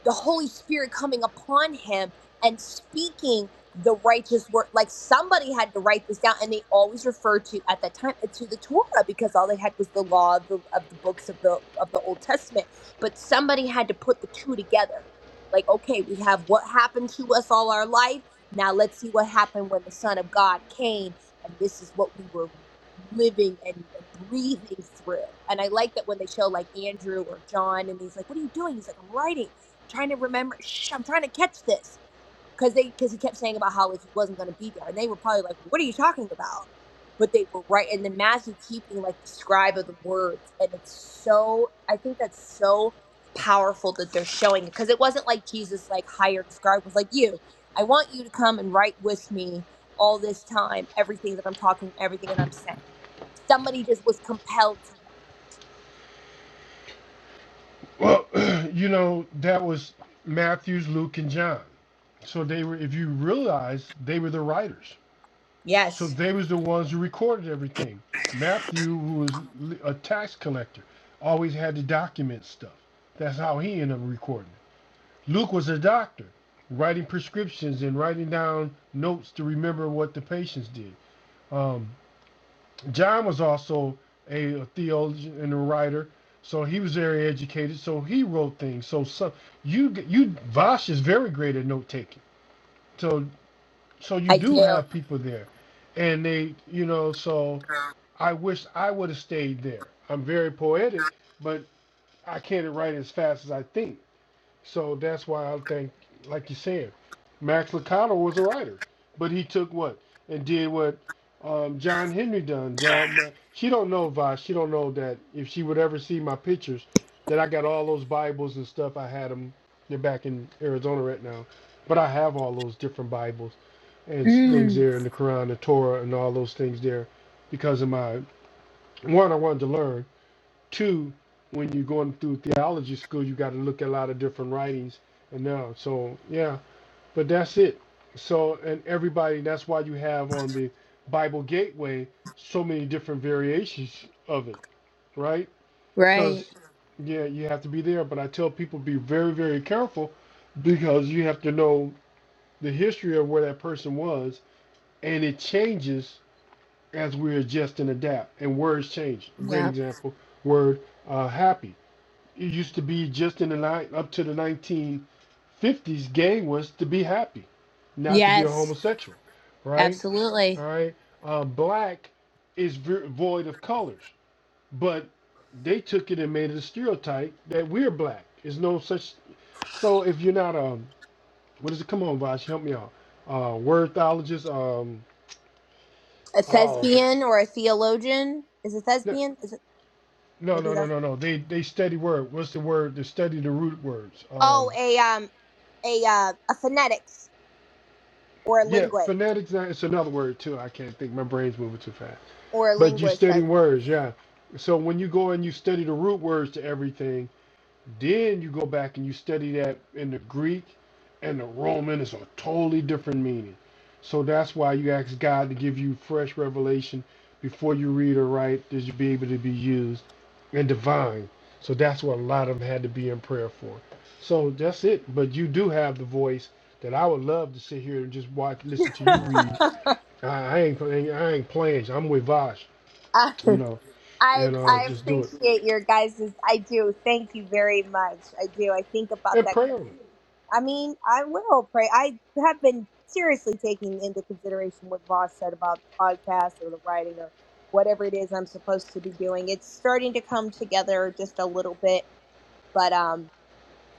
S3: the Holy Spirit coming upon him and speaking the righteous word, like somebody had to write this down, and they always referred to at that time uh, to the Torah because all they had was the law of the of the books of the of the Old Testament, but somebody had to put the two together. Like, okay, we have what happened to us all our life. Now let's see what happened when the Son of God came, and this is what we were living and, and breathing through. And I like that when they show like Andrew or John and he's like, What are you doing? He's like, I'm writing, trying to remember, shh, I'm trying to catch this because they because he kept saying about how like he wasn't going to be there and they were probably like what are you talking about but they were right and then matthew keeping like the scribe of the words and it's so i think that's so powerful that they're showing it because it wasn't like jesus like hired a scribe It was like you i want you to come and write with me all this time everything that i'm talking everything that i'm saying somebody just was compelled to write it
S1: well, you know, that was Matthew's, Luke, and John. So they were, if you realize, they were the writers So
S3: yes
S1: they was the ones who recorded everything. Matthew, who was a tax collector, always had to document stuff. That's how he ended up recording it. Luke was a doctor, writing prescriptions and writing down notes to remember what the patients did. Um, John was also a, a theologian and a writer, so he was very educated. So he wrote things. So some you you Vosh is very great at note taking. So so you
S3: i
S1: do
S3: do
S1: have people there, and they you know so I wish I would have stayed there. I'm very poetic, but I can't write as fast as I think. So that's why I think, like you said, Max Lucado was a writer, but he took what and did what um, John Henry done. John, she don't know Vosh. She don't know that if she would ever see my pictures, that I got all those Bibles and stuff. I had them. They're back in Arizona right now, but I have all those different Bibles and s-
S3: Mm,
S1: things there in the Quran, the Torah, and all those things there because of my one, I wanted to learn. Two, when you're going through theology school, you got to look at a lot of different writings and now. So yeah, but that's it. So and everybody, that's why you have on the Bible Gateway so many different variations of it, right? Because yeah, you have to be there. But I tell people be very very careful because you have to know the history of where that person was, and it changes as we adjust and adapt. And words change. A great
S3: Yeah.
S1: example, word uh, happy. It used to be just in the nine up to the 1950s, gay was to be happy, not to be a
S3: Yes.
S1: homosexual, right?
S3: Absolutely.
S1: All right. Uh, black is void of colors, but they took it and made it a stereotype that we're black. There's no such. So if you're not um, what is it? Come on, Vash, help me out. Uh, wordthologist. Um,
S3: a
S1: oh, God.
S3: thespian or a theologian. Is it
S1: No,
S3: thespian? Is it
S1: No,
S3: maybe
S1: no, no,
S3: that's
S1: no, no. They they study word. What's the word? They study the root words. Um,
S3: oh a um a uh, a phonetics or a
S1: yeah,
S3: linguist
S1: phonetics. uh, It's another word too. I can't think. My brain's moving too fast.
S3: or a
S1: But you
S3: linguist.
S1: study
S3: I,
S1: words, yeah. So when you go and you study the root words to everything, Then you go back and you study that in the Greek and the Roman. It's a totally different meaning. So that's why you ask God to give you fresh revelation before you read or write that you be able to be used and divine. So that's what a lot of them had to be in prayer for. So that's it. But you do have the voice that I would love to sit here and just watch, listen to you read. I, I ain't, playing- I ain't playing. I'm with Vosh,
S3: Uh,
S1: you know,
S3: I
S1: and uh,
S3: I
S1: just do it
S3: appreciate your guys's. I do. Thank you very much. I do. I think about
S1: and
S3: that.
S1: pray on it.
S3: I mean, I will pray. I have been seriously taking into consideration what Voss said about the podcast or the writing or whatever it is I'm supposed to be doing. It's starting to come together just a little bit, but um,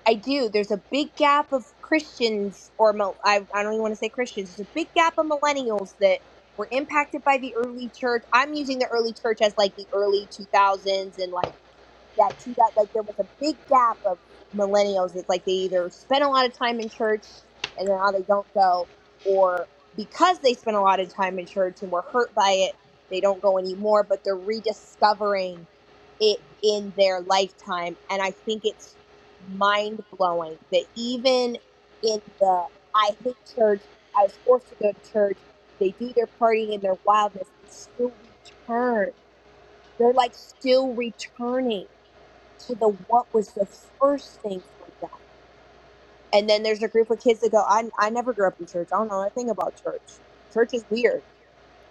S3: I do. There's a big gap of Christians, or mil- I, I don't even want to say Christians. There's a big gap of millennials that were impacted by the early church. I'm using the early church as like the early 2000s and like that two that like there was a big gap of millennials. It's like they either spend a lot of time in church and now they don't go, or because they spent a lot of time in church and were hurt by it, they don't go anymore. But they're rediscovering it in their lifetime, and I think it's mind blowing that even in the I hate church, I was forced to go to church. They do their partying and their wildness. They still return. They're like still returning to the what was the first thing for them. And then there's a group of kids that go, I, I never grew up in church. I don't know anything about church. Church is weird.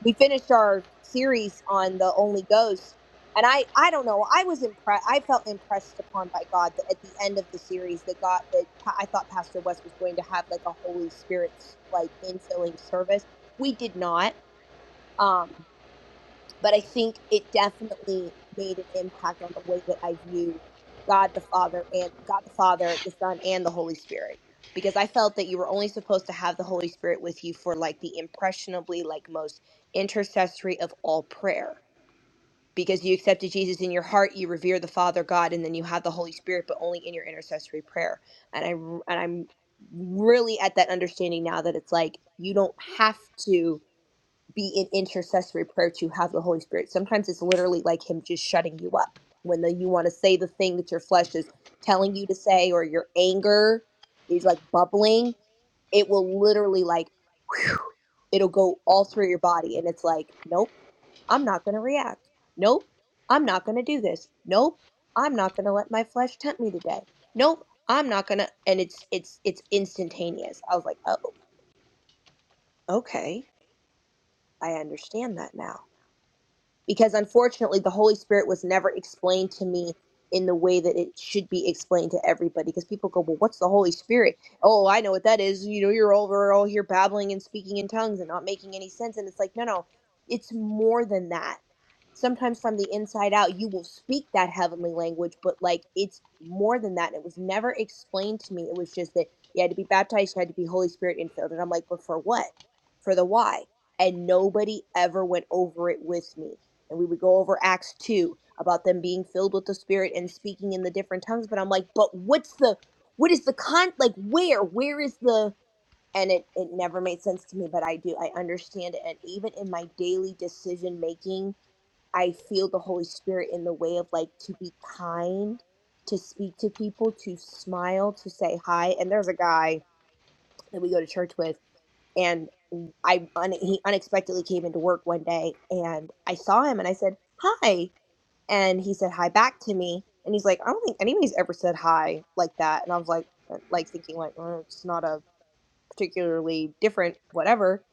S3: We finished our series on the Only Ghost. And I, I don't know. I was impressed. I felt impressed upon by God that at the end of the series that God that Pa- I thought Pastor West was going to have like a Holy Spirit like infilling service. We did not. Um, but I think it definitely made an impact on the way that I view God the Father and God the Father, the Son, and the Holy Spirit. Because I felt that you were only supposed to have the Holy Spirit with you for like the impressionably, like most intercessory of all prayer. Because you accepted Jesus in your heart, you revere the Father God, and then you have the Holy Spirit, but only in your intercessory prayer. And I and I'm really at that understanding now that it's like you don't have to be in intercessory prayer to have the Holy Spirit. Sometimes it's literally like Him just shutting you up when the, you want to say the thing that your flesh is telling you to say, or your anger is like bubbling. It will literally like, whew, it'll go all through your body, and it's like, nope, I'm not going to react. Nope, I'm not going to do this. Nope, I'm not going to let my flesh tempt me today. Nope, I'm not going to. And it's it's it's instantaneous. I was like, oh, okay, I understand that now because unfortunately the holy spirit was never explained to me in the way that it should be explained to everybody because people go well what's the holy spirit oh i know what that is you know you're over all here babbling and speaking in tongues and not making any sense and it's like no no it's more than that sometimes from the inside out you will speak that heavenly language but like it's more than that it was never explained to me it was just that you had to be baptized you had to be holy spirit infilled and i'm like but for what for the why and nobody ever went over it with me and we would go over Acts 2 about them being filled with the spirit and speaking in the different tongues but I'm like but what's the what is the con like where where is the and it it never made sense to me but I do I understand it and even in my daily decision making I feel the Holy Spirit in the way of like to be kind to speak to people to smile to say hi and there's a guy that we go to church with and I un- he unexpectedly came into work one day and I saw him and I said hi and he said hi back to me and he's like i don't think anybody's ever said hi like that and i was like uh, like thinking like "Uh, it's not a particularly different whatever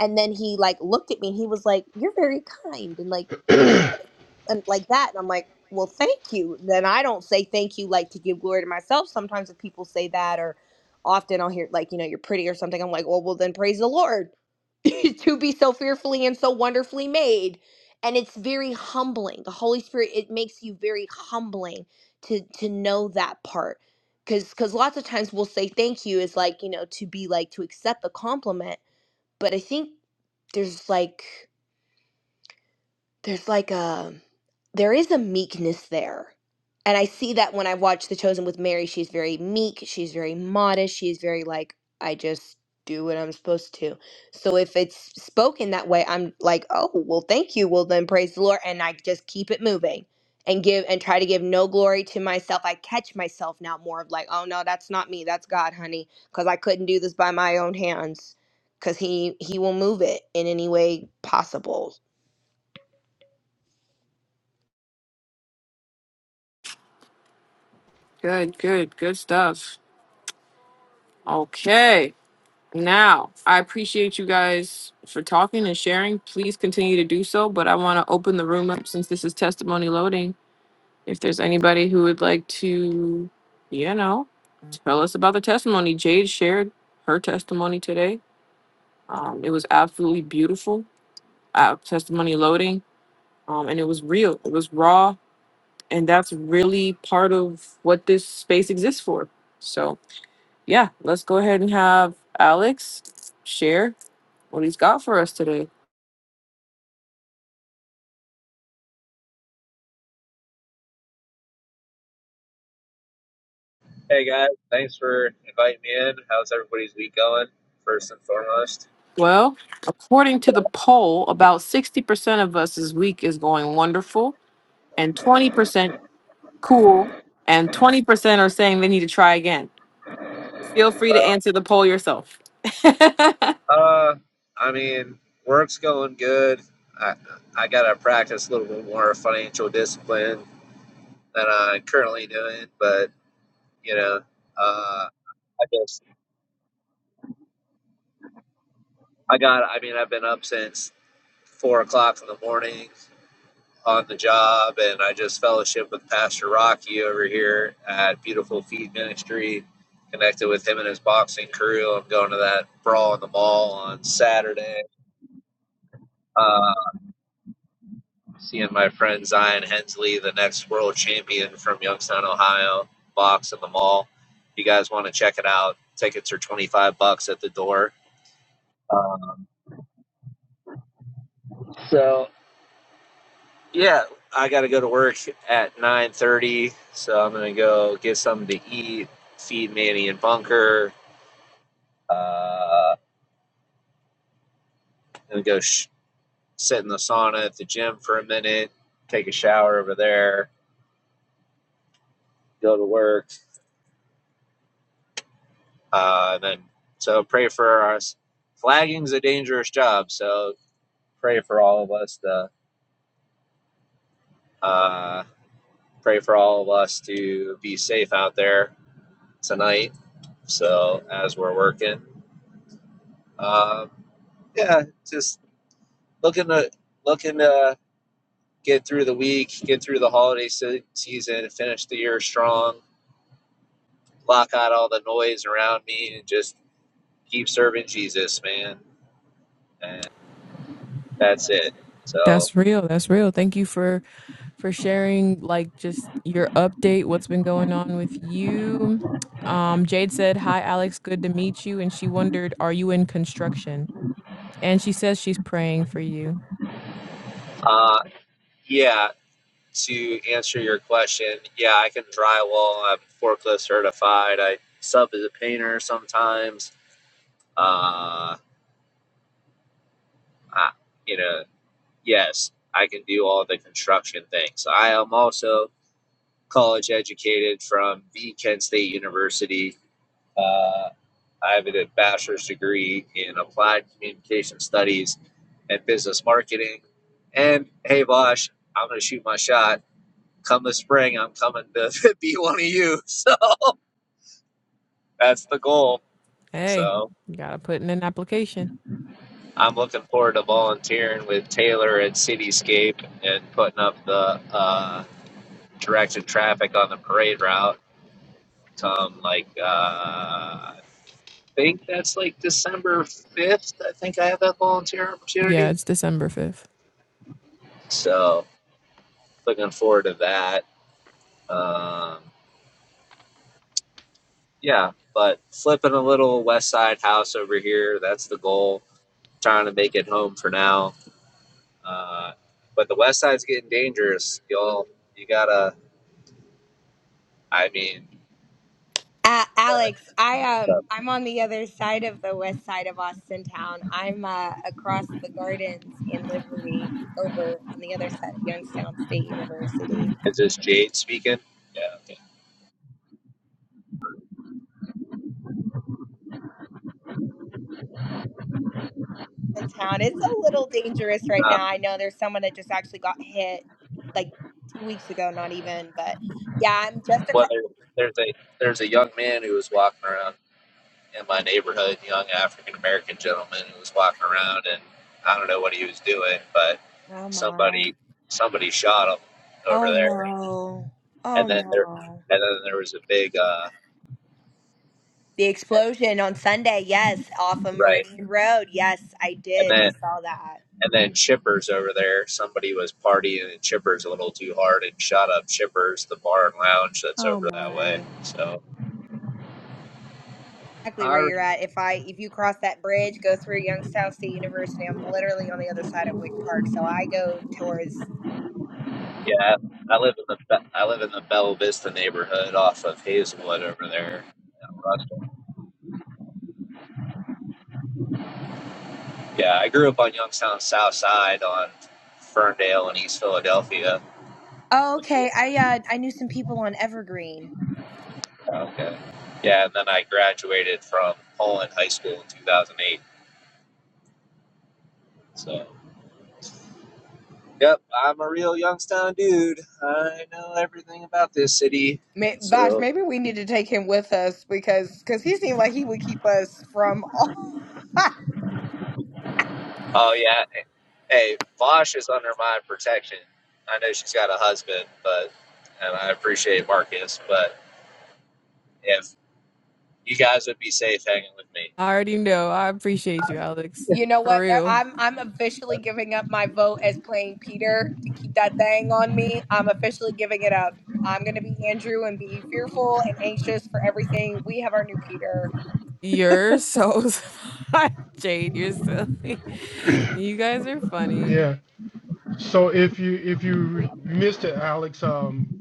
S3: and then he like looked at me and he was like you're very kind and like you know like- and like that and i'm like well thank you then i don't say thank you like to give glory to myself sometimes if people say that or often i'll hear like you know you're pretty or something i'm like well well then praise the lord to be so fearfully and so wonderfully made and it's very humbling the holy spirit it makes you very humbling to to know that part because because lots of times we'll say thank you is like you know to be like to accept the compliment but i think there's like there's like a there is a meekness there and i see that when i watch the chosen with mary she's very meek she's very modest she's very like i just do what i'm supposed to so if it's spoken that way i'm like oh well thank you well then praise the lord and i just keep it moving and give and try to give no glory to myself i catch myself now more of like oh no that's not me that's god honey because i couldn't do this by my own hands because he he will move it in any way possible
S2: Good, good, good stuff. Okay. Now, I appreciate you guys for talking and sharing. Please continue to do so, but I want to open the room up since this is testimony loading. If there's anybody who would like to, you know, tell us about the testimony, Jade shared her testimony today. Um, it was absolutely beautiful. Uh, testimony loading, um, and it was real. It was raw, and that's really part of what this space exists for. So, yeah, let's go ahead and have Alex share what he's got for us today.
S4: Hey guys, thanks for inviting me in. How's everybody's week going? First and foremost,
S2: Well, according to the poll, about 60% of us this week is going wonderful, and 20% cool, and 20% are saying they need to try again. Feel free to answer the poll yourself.
S4: uh, I mean, work's going good. I I gotta practice a little bit more financial discipline than I'm currently doing, but you know, uh, I just I got. I mean, I've been up since four o'clock in the morning. on the job, and I just fellowship with Pastor Rocky over here at Beautiful Feed Ministry. Connected with him and his boxing crew. I'm going to that brawl in the mall on Saturday. Uh, seeing my friend Zion Hensley, the next world champion from Youngstown, Ohio, box in the mall. If you guys want to check it out, tickets are 25 bucks at the door. Um, yeah, I got to go to work at 9:30, so I'm gonna go get something to eat, feed Manny and Bunker, Uh, and go sh- sit in the sauna at the gym for a minute, take a shower over there, go to work, uh, and then so pray for us. Flagging's a dangerous job, so pray for all of us to uh, pray for all of us to be safe out there tonight. So as we're working, um, yeah, just looking to looking to get through the week, get through the holiday se- season, finish the year strong block out all the noise around me and just keep serving Jesus, man. And that's it. So,
S2: That's real. That's real. Thank you for for sharing like just your update, what's been going on with you. Um Jade said, "Hi Alex, good to meet you." And she wondered, "Are you in construction?" And she says she's praying for you.
S4: uh, yeah, to answer your question, yeah, I can drywall. I'm forklift certified. I sub as a painter sometimes. Uh, I, you know, yes, I can do all the construction things. I am also college educated from the Kent State University. Uh, I have a bachelor's degree in applied communication studies and business marketing. And hey, Vosh, I'm going to shoot my shot. Come this spring, I'm coming to be one of you. So that's the goal.
S2: Hey,
S4: So
S2: you got to put in an application.
S4: I'm looking forward to volunteering with Taylor at Cityscape and putting up the uh, directed traffic on the parade route come like, uh, I think that's like December 5th. I think I have that volunteer
S2: Yeah,
S4: opportunity.
S2: it's December 5th.
S4: So looking forward to that. Um, yeah, but flipping a little West Side house over here. That's the goal. Trying to make it home for now. Uh, but the West Side's getting dangerous, y'all. You gotta. I mean,
S3: Uh, Alex, I
S4: uh,
S3: um I'm on the other side of the west side of Austin town. I'm uh, across the gardens in Liberty over on the other side of Youngstown State University
S4: is this Jade speaking? Yeah. Okay.
S3: in town. It's a little dangerous right
S4: Uh,
S3: now. I know there's someone that just actually got hit like 2 weeks ago, not even, but yeah, I'm just
S4: well,
S3: across
S4: there, there's a there's a young man who was walking around. in my neighborhood, young African American gentleman who was walking around, and I don't know what he was doing, but
S3: Oh my.
S4: somebody somebody shot him over
S3: Oh
S4: there,
S3: no. Oh
S4: and then there
S3: no.
S4: and then there was a big uh,
S3: The explosion on Sunday, yes, off of
S4: right,
S3: Meridian Road. Yes, I
S4: and
S3: did. I
S4: then
S3: saw that.
S4: and then Chippers over there. Somebody was partying at Chippers a little too hard and shot up Chippers, the bar and lounge that's
S3: Oh
S4: over that
S3: my.
S4: way. So
S3: exactly where
S4: I
S3: you're at. If I if you cross that bridge, go through Youngstown State University, I'm literally on the other side of Wick Park. So I go towards.
S4: yeah, I live in the I live in the Bella Vista neighborhood off of Hazelwood over there. Yeah, I grew up on Youngstown South Side on Ferndale and East Philadelphia.
S3: Oh, okay. I uh I knew some people on Evergreen.
S4: Okay. Yeah, and then I graduated from Poland High School in 2008. So, yep, I'm a real Youngstown dude. I know everything about this city.
S3: May, Vash,
S4: So,
S3: maybe we need to take him with us because because he seemed like he would keep us from all.
S4: oh yeah, hey, Vosh is under my protection. I know she's got a husband, but and I appreciate Marcus, but if you guys would be safe hanging with me,
S2: I already know. I appreciate you, Alex.
S3: you know
S2: For
S3: what? Now
S2: real.
S3: I'm I'm officially
S4: but,
S3: giving up my vote as playing Peter to keep that thing on me. I'm officially giving it up. I'm gonna be Andrew and be fearful and anxious for everything. We have our new Peter.
S2: You're so smart, Jade. You're silly. You guys are funny.
S1: Yeah. So if you if you missed it, Alex, um,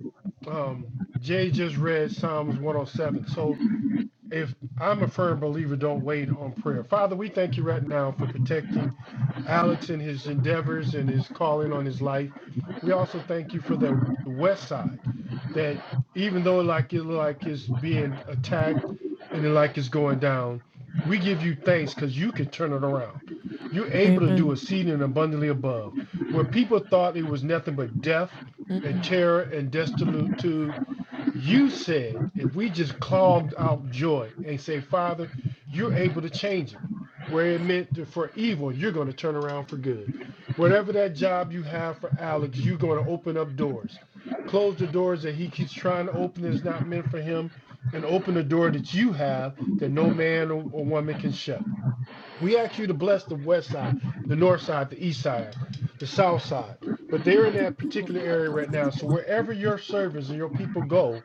S1: um, Jay just read Psalms 107. So if I'm a firm believer, don't wait on prayer. Father, we thank you right now for protecting. Alex and his endeavors and his calling on his life. We also thank you for the West Side, that even though like it look like it's being attacked and it like it's going down, we give you thanks because you can turn it around. You're able to do
S2: Amen.
S1: exceeding and abundantly above. Where people thought it was nothing but death
S2: Mm,
S1: and terror and destitute you said if we just clogged out joy and say, Father, you're able to change it. Where it meant for evil, you're going to turn around for good. Whatever that job you have for Alex, you're going to open up doors. Close the doors that he keeps trying to open that's not meant for him, and open the door that you have that no man or woman can shut. We ask you to bless the west side, the north side, the east side, the south side. But they're in that particular area right now. So wherever your servants and your people go,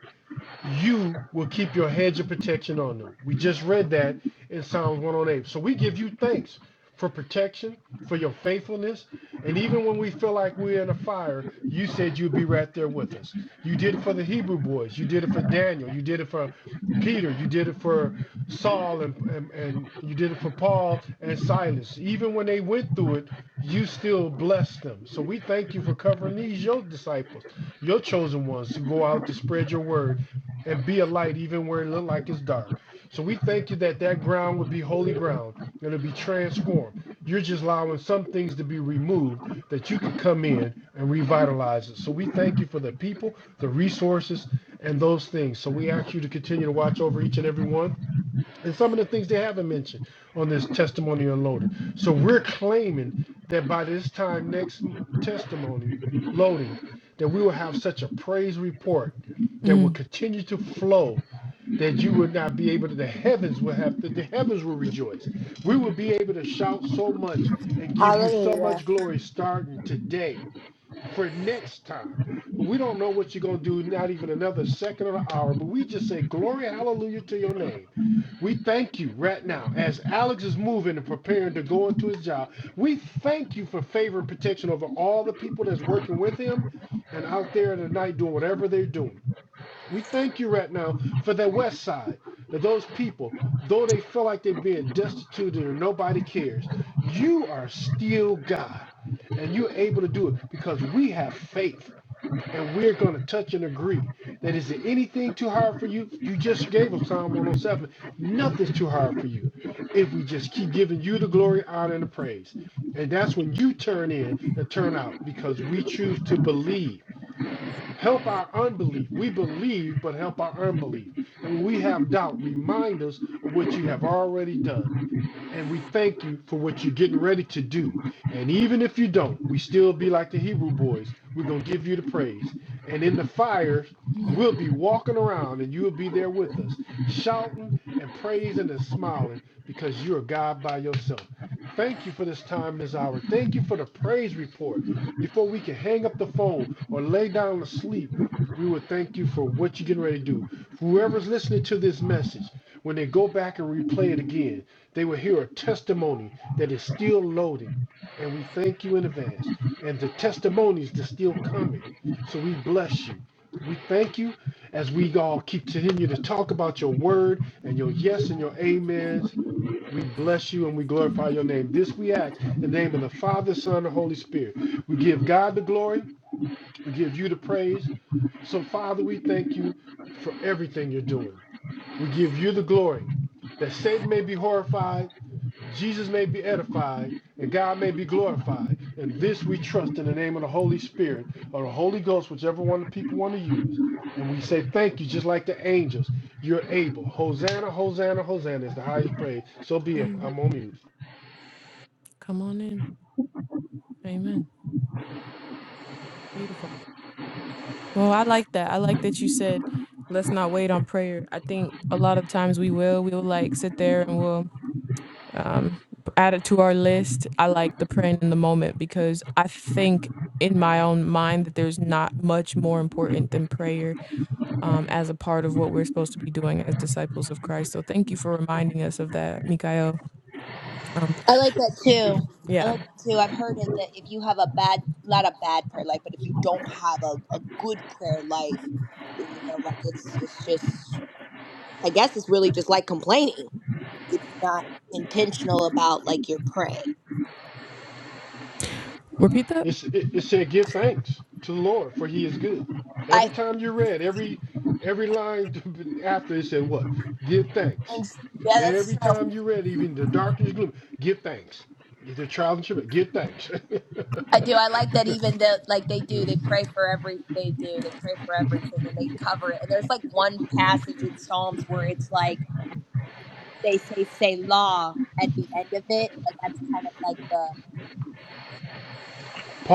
S1: you will keep your hedge of protection on them. We just read that in Psalms 108. So we give you thanks for protection, for your faithfulness. And even when we feel like we're in a fire, you said you'd be right there with us. You did it for the Hebrew boys. You did it for Daniel. You did it for Peter. You did it for Saul and, and, and you did it for Paul and Silas. Even when they went through it, you still blessed them. So we thank you for covering these, your disciples, your chosen ones who go out to spread your word and be a light even where it look like it's dark. So we thank you that that ground would be holy ground. It'll be transformed. You're just allowing some things to be removed that you could come in and revitalize it. So we thank you for the people, the resources, and those things. So we ask you to continue to watch over each and every one and some of the things they haven't mentioned on this testimony unloaded. So we're claiming that by this time next m- testimony loading, that we will have such a praise report that will
S2: mm,
S1: continue to flow that you would not be able to the heavens will have to the heavens will rejoice we will
S2: mm,
S1: be able to shout so much and give you so much glory starting today for next time but we don't know what you're going to do not even another second or an hour but we just say glory hallelujah to your name we thank you right now as Alex is moving and preparing to go into his job. We thank you for favor and protection over all the people that's working with him and out there in the night doing whatever they're doing. We thank you right now for the West Side, that those people, though they feel like they're being destituted and nobody cares, you are still God and you're able to do it because we have faith and we're going to touch and agree that is it anything too hard for you? You just gave us Psalm 107. Nothing's too hard for you if we just keep giving you the glory, honor, and the praise. And that's when you turn in and turn out because we choose to believe. Help our unbelief. We believe, but help our unbelief. And when we have doubt, remind us of what you have already done. And we thank you for what you're getting ready to do. And even if you don't, we still be like the Hebrew boys. We're going to give you the praise. And in the fire,
S2: mm,
S1: we'll be walking around and you'll be there with us, shouting and praising and smiling because you're God by yourself. Thank you for this time, this hour. Thank you for the praise report. Before we can hang up the phone or lay down to sleep, we would thank you for what you're getting ready to do. Whoever's listening to this message, when they go back and replay it again, they will hear a testimony that is still loading, and we thank you in advance. And the testimonies that's still coming. So we bless you. We thank you as we all keep continue to talk about your word and your yes and your amens. We bless you and we glorify your name. This we ask in the name of the Father, Son, and Holy Spirit. We give God the glory. We give you the praise. So, Father, we thank you for everything you're doing. We give you the glory that Satan may be horrified Jesus may be edified and God may be glorified. And this we trust in the name of the Holy Spirit or the Holy Ghost, whichever one the people want to use. And we say thank you, just like the angels. You're able. Hosanna, Hosanna, Hosanna is the highest praise. So be it.
S2: mm.
S1: I'm on mute.
S2: Come on in. Amen. Beautiful. Well, I like that. I like that you said, let's not wait on prayer. I think a lot of times we will. We'll like sit there and we'll um, added to our list. I like the praying in the moment because I think in my own mind that there's not much more important than prayer um, as a part of what we're supposed to be doing as disciples of Christ. So thank you for reminding us of that, Mikael. Um,
S3: I like that too. I
S2: yeah,
S3: like that too. I've heard it that if you have a bad, not a bad prayer life, but if you don't have a, a good prayer life, then, you know, like it's it's just, I guess it's really just like complaining if you're not intentional about like your praying.
S2: repeat that.
S1: It's, it, it said, give thanks to the Lord, for he is good.
S3: I
S1: Every time you read, every every line after it said what? Give thanks.
S3: yeah, that's
S1: Every
S3: true.
S1: time you read, even in the darkest gloom, give thanks. If the trials and tribulations, give thanks.
S3: I do. I like that even the like they do. They pray for every. They do. They pray for everything and they cover it. And there's like one passage in Psalms where it's like they say "Selah" at the end of it, and that's kind of like the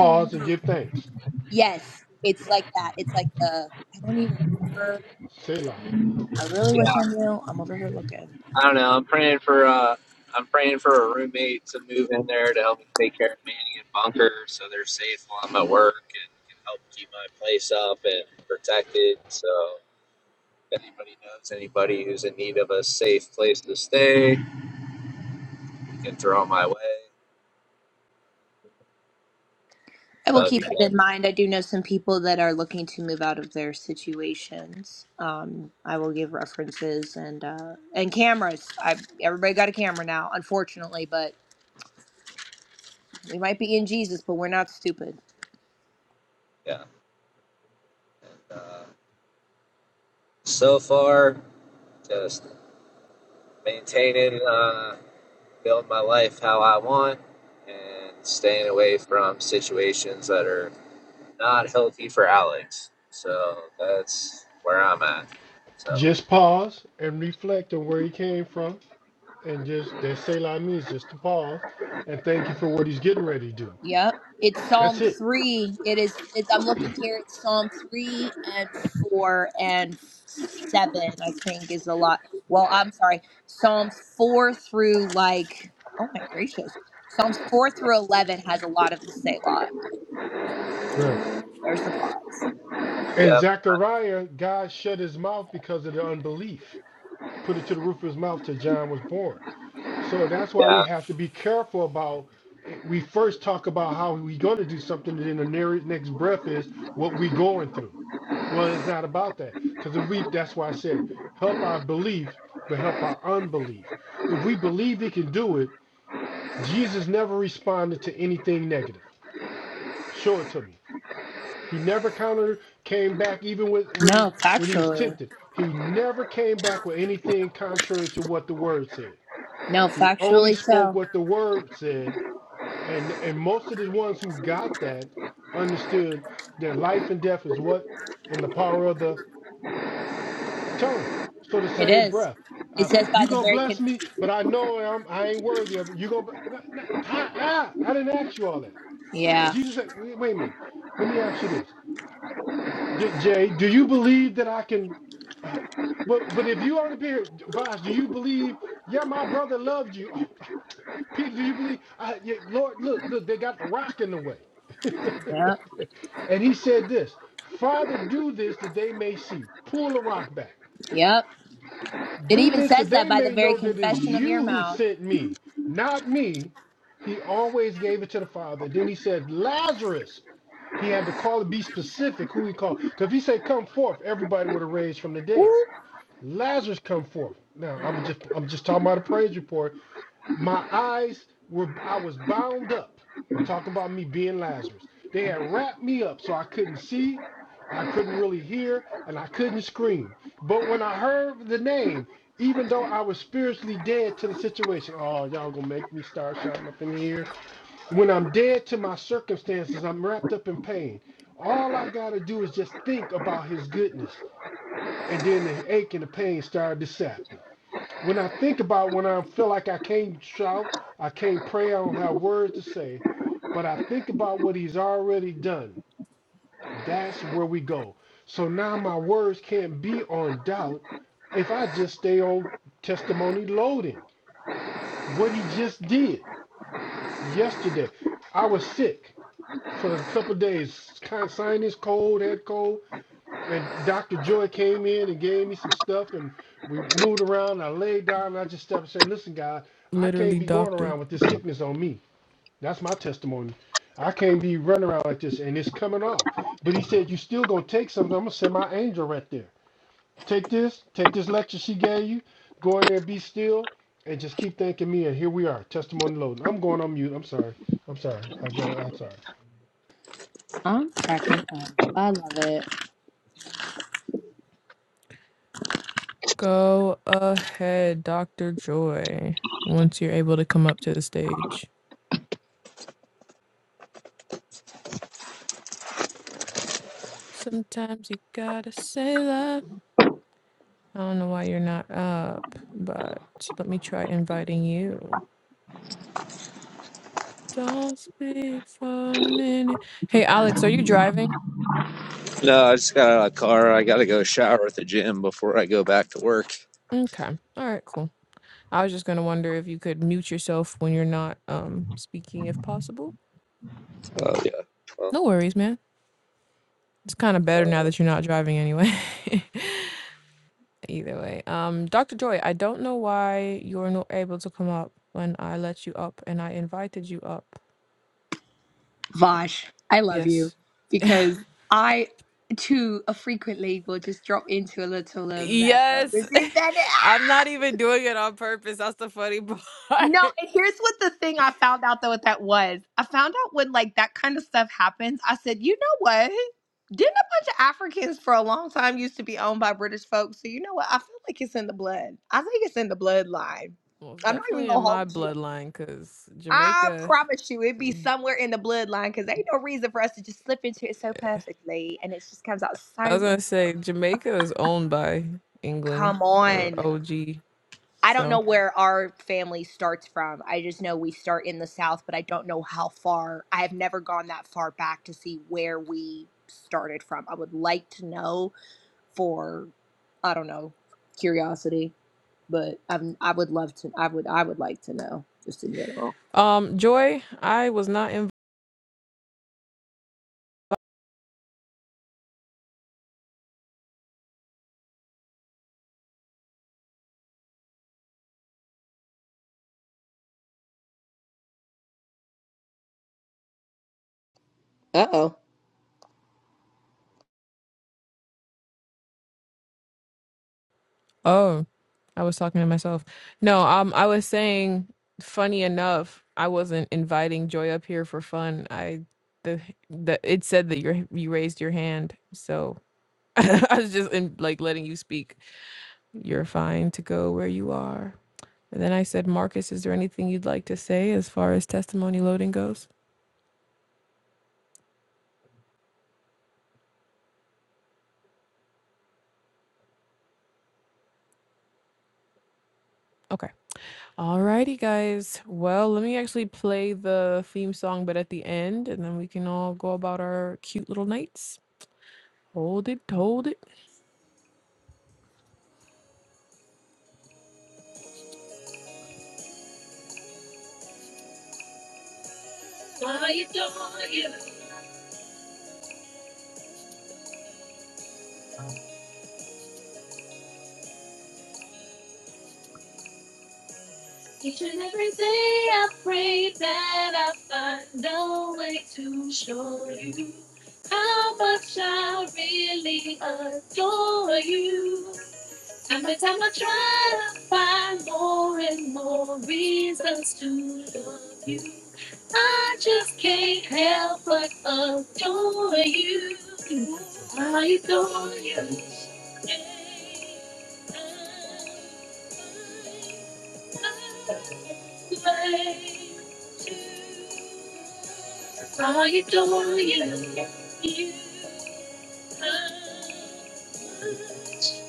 S3: even
S1: and give
S3: remember.
S1: thanks.
S3: Yes, it's like that. It's like the I don't even remember.
S1: Selah.
S4: yeah. I don't know. I'm praying for uh, I'm praying for a roommate to move in there to help me take care of Manny and Bunker, so they're safe while I'm at work and can help keep my place up and protected. So if anybody knows anybody who's in need of a safe place to stay, you can throw it my way.
S3: I will
S4: That'd
S3: keep
S4: be good.
S3: that in mind. I do know some people that are looking to move out of their situations. Um, I will give references and uh, and cameras. I everybody got a camera now, unfortunately, but we might be in Jesus, but we're not stupid.
S4: Yeah. Uh, so far, just maintaining, uh, building my life how I want, and staying away from situations that are not healthy for Alex. So that's where I'm at. So,
S1: Just pause and reflect on where he came from. And just that Selah means just to pause and thank you for what he's getting ready to do.
S3: Yep. It's
S1: That's
S3: Psalm
S1: it.
S3: 3. It is, it's, I'm looking here. It's Psalm 3 and 4 and 7, I think, is a lot. Well, I'm sorry. Psalms 4 through like, oh my gracious. Psalms 4 through 11 has a lot of the Selah. Oh, Yeah.
S1: Right.
S3: There's the plot.
S1: And
S4: yep,
S1: Zechariah, God shut his mouth because of the unbelief. Put it to the roof of his mouth till John was born. So that's why we
S4: yeah.
S1: have to be careful about. it. We first talk about how we are going to do something, and then the near- next breath is what we are going through. Well, it's not about that because if we, that's why I said, help our belief, but help our unbelief. If we believe He can do it, Jesus never responded to anything negative. Show it to me. He never countered, came back, even with when
S3: No,
S1: when he was
S3: factually.
S1: tempted. He never came back with anything contrary to what the Word said.
S3: No,
S1: He only
S3: factually
S1: spoke
S3: so.
S1: what the Word said and and most of the ones who got that understood that life and death is what in the power of the tongue. So the
S3: It
S1: same
S3: is.
S1: breath,
S3: It
S1: uh,
S3: says by
S1: you
S3: the
S1: gonna
S3: very,
S1: bless
S3: con-
S1: me, but I know I'm, I ain't worthy of it. You gonna bl- not, not, I, I I didn't ask you all that.
S3: yeah.
S1: Jesus said, wait, wait a minute. Let me ask you this, Did, Jay. Do you believe that I can? Uh, but but if you only be here, Vosh, do you believe? Yeah, my brother loved you. Oh, oh, Peter, do you believe? I, yeah, Lord, look, look, they got the rock in the way.
S3: Yep.
S1: and he said this Father, do this that they may see. Pull the rock back.
S3: Yep. It
S1: Do
S3: even
S1: this that
S3: says that
S1: they
S3: by the
S1: may
S3: very
S1: know that it's
S3: confession of your
S1: you who
S3: mouth.
S1: sent me, not me. He always gave it to the Father. Then he said, Lazarus. He had to call and be specific who he called. Because if he said, Come forth, everybody would have raised from the dead. Lazarus come forth. Now I'm
S2: Mm.
S1: just I'm just talking about a praise report. My eyes were, I was bound up. I'm talking about me being Lazarus. They had wrapped me up so I couldn't see, I couldn't really hear, and I couldn't scream. But when I heard the name, even though I was spiritually dead to the situation, oh, y'all gonna make me start shouting up in here. When I'm dead to my circumstances, I'm wrapped up in pain. All I gotta do is just think about his goodness. And then the ache and the pain started to sap. When I think about when I feel like I can't shout, I can't pray, I don't have words to say, but I think about what he's already done. That's where we go. So now my words can't be on doubt if I just stay on testimony loading. What he just did yesterday. I was sick for a couple of days, kind of sinus cold, head cold. And Dr. Joy came in and gave me some stuff, and we moved around. And I laid down, and I just stepped and said, Listen, God, I
S2: Literally,
S1: can't be going
S2: doctor.
S1: around with this sickness on me. That's my testimony. I can't be running around like this, and it's coming off. But he said, you still going to take something. I'm going to send my angel right there. Take this, take this lecture she gave you, go in there, be still, and just keep thanking me. And here we are, testimony loading. I'm going on mute. I'm sorry. I'm sorry. I go. I'm sorry.
S3: I'm cracking up. I love it.
S2: Go ahead, Dr. Joy, once you're able to come up to the stage. Sometimes you gotta say that. I don't know why you're not up, but let me try inviting you. Don't speak for a minute. Hey, Alex, are you driving?
S4: No, I just got out of the car. I got to go shower at the gym before I go back to work.
S2: Okay. All right, cool. I was just gonna wonder if you could mute yourself when you're not um speaking, if possible.
S4: Oh, yeah. Well,
S2: No worries, man. It's kind of
S4: uh,
S2: better now that you're not driving anyway. Either way, um, Dr. Joy, I don't know why you're not able to come up when I let you up and I invited you up.
S3: Vash, I love you
S2: Yes.
S3: because I too uh, frequently will just drop into a little of that. uh,
S2: Yes,
S3: this is that-
S2: I'm
S3: ah!
S2: not even doing it on purpose. That's the funny part.
S3: No, and here's what the thing I found out though what that was. I found out when like that kind of stuff happens. I said, you know what? Didn't a bunch of Africans for a long time used to be owned by British folks? So you know what? I feel like it's in the blood. I think it's in the bloodline.
S2: Well, it's
S3: I'm not even
S2: definitely in
S3: gonna
S2: my
S3: hold you.
S2: bloodline because
S3: I
S2: Jamaica,
S3: promise you, it'd be somewhere in the bloodline because ain't no reason for us to just slip into it so perfectly, and it just comes out
S2: I
S3: so
S2: was
S3: well.
S2: gonna say Jamaica is owned by England
S3: Come
S2: or
S3: on.
S2: OG.
S3: I don't know
S2: So,
S3: where our family starts from. I just know we start in the South, but I don't know how far. I have never gone that far back to see where we started from. I would like to know for, I don't know, curiosity, but I'm, I would love to. I would. I would like to know just in general.
S2: um, Joy, I was not invited.
S3: Uh oh.
S2: Oh, I was talking to myself. No, um, I was saying, funny enough, I wasn't inviting Joy up here for fun. I the the it said that you you raised your hand, so I was just in, like letting you speak. You're fine to go where you are. And then I said, Marcus, is there anything you'd like to say as far as testimony loading goes? Okay. Alrighty, guys. Well, let me actually play the theme song, but at the end, and then we can all go about our cute little nights. Hold it, hold it. I adore you. Each and every day I pray that I find a way to show you how much I really adore you. Every time I try to find more and more reasons to love you, I just can't help but adore you. I adore you. I adore you. you.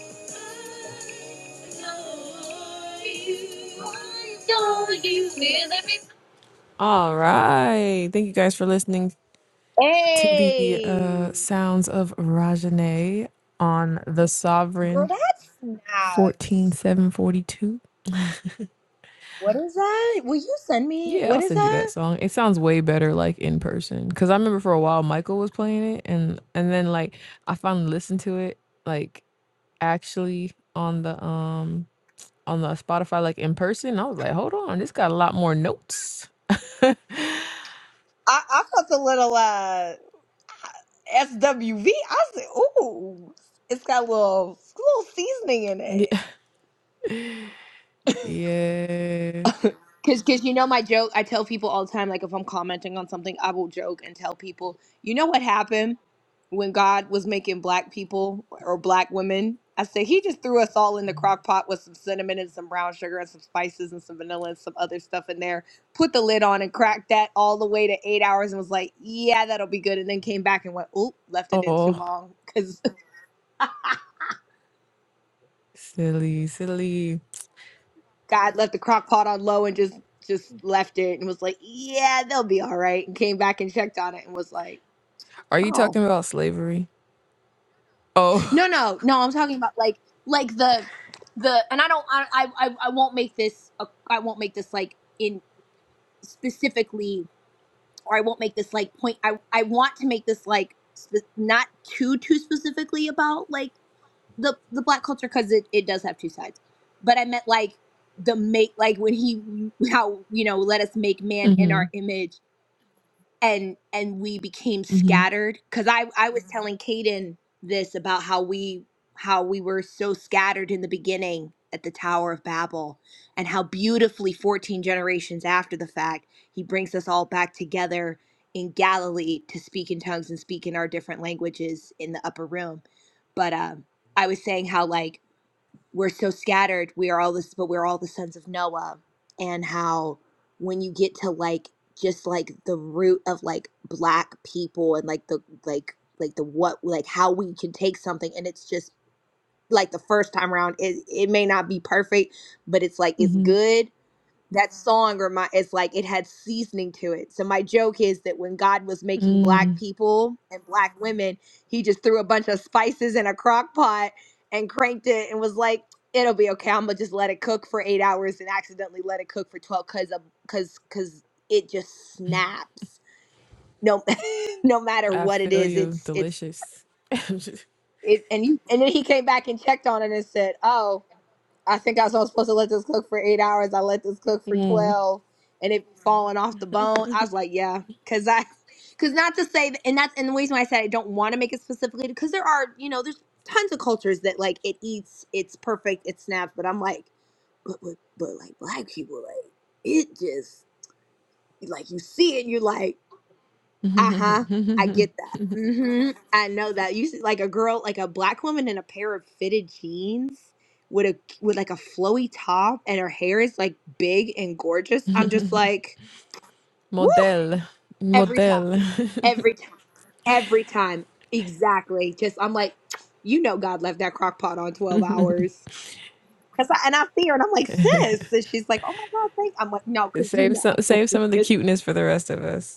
S2: All right. Thank you guys for listening to the uh,
S3: Hey.
S2: sounds of Rajane on The
S3: Girl,
S2: Sovereign
S3: that's snaps.
S2: 14742.
S3: What is that? Will you send me?
S2: Yeah, I'll
S3: What is
S2: send you that
S3: that?
S2: song. It sounds way better like in person cuz I remember for a while Michael was playing it and and then like I finally listened to it like actually on the um on the Spotify like in person. I was like, hold on, this got a lot more notes.
S3: I, I felt a little uh SWV. I said, ooh, it's got a little, little seasoning in it.
S2: yeah. yeah.
S3: Cause, cause you know my joke. I tell people all the time, like if I'm commenting on something, I will joke and tell people, you know what happened when God was making black people or black women. I say he just threw us all in the crock pot with some cinnamon and some brown sugar and some spices and some vanilla and some other stuff in there. Put the lid on and cracked that all the way to eight hours and was like, yeah, that'll be good. And then came back and went, oop, left it in too
S2: Oh,
S3: long because
S2: silly, silly.
S3: God left the crock pot on low and just just left it and was like, yeah, they'll be all right. And came back and checked on it and was like
S2: Are you
S3: Oh
S2: talking about slavery? Oh.
S3: no, no, no! I'm talking about like like the the and I don't I I I I won't make this a- I won't make this like in specifically or I won't make this like point I I want to make this like spe- not too too specifically about like the the black culture because it it does have two sides, but I meant like the make like when he how you know let us make man in our
S2: mhm.
S3: image and and we became
S2: Mhm.
S3: scattered because i i was Mhm. telling Caden this about how we how we were so scattered in the beginning at the tower of babel and how beautifully 14 generations after the fact he brings us all back together in galilee to speak in tongues and speak in our different languages in the upper room but um i was saying how like we're so scattered we are all this but we're all the sons of noah and how when you get to like just like the root of like black people and like the like like the what like how we can take something and it's just like the first time around it, it may not be perfect but it's like it's
S2: Mhm.
S3: good that song remind it's like it had seasoning to it. So my joke is that when God was making black
S2: Mm.
S3: people and black women, he just threw a bunch of spices in a crock pot and cranked it and was like, "It'll be okay. I'm gonna just let it cook for eight hours and accidentally let it cook for twelve because because because it just snaps. No, no matter
S2: I
S3: what it
S2: feel
S3: is,
S2: you.
S3: it's it's
S2: Delicious.
S3: it. And you and then he came back and checked on it and said, "Oh." I think I was only supposed to let this cook for eight hours. I let this cook for
S2: Mm.
S3: twelve, and it falling off the bone. I was like, yeah, because I, because not to say, and that's and the reason why I said I don't want to make it specifically because there are you know there's tons of cultures that like it eats, it's perfect, it snaps, but I'm like, but but, but like black people like it just like you see it, you're like. Uh huh. I get that. hmm I know that. You see, like a girl, like a black woman in a pair of fitted jeans with a with like a flowy top, and her hair is like big and gorgeous. I'm just like, woo!
S2: Model.
S3: Every time,
S2: Model.
S3: every time, every time. Exactly. Just I'm like, you know, God left that crock pot on 12 hours. Cause I, and I see her, and I'm like, sis. And she's like, oh my God, thank. I'm like, no, cause you
S2: save
S3: know,
S2: some save some of the
S3: 'Cause-
S2: cuteness for the rest of us.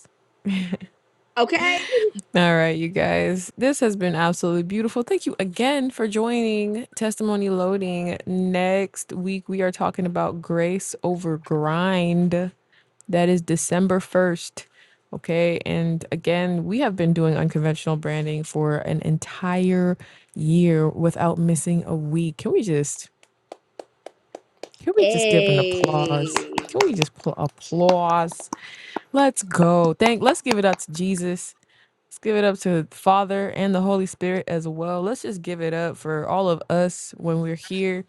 S3: okay.
S2: All right, you guys. This has been absolutely beautiful. Thank you again for joining Testimony Loading. Next week, we are talking about grace over grind. That is December 1st. Okay. And again, we have been doing unconventional branding for an entire year without missing a week. Can we just, can we just give an
S3: Hey.
S2: applause? Can we just pl- applause? Let's go. Thank, let's give it up to Jesus Let's give it up to the Father and the Holy Spirit as well. Let's just give it up for all of us when we're here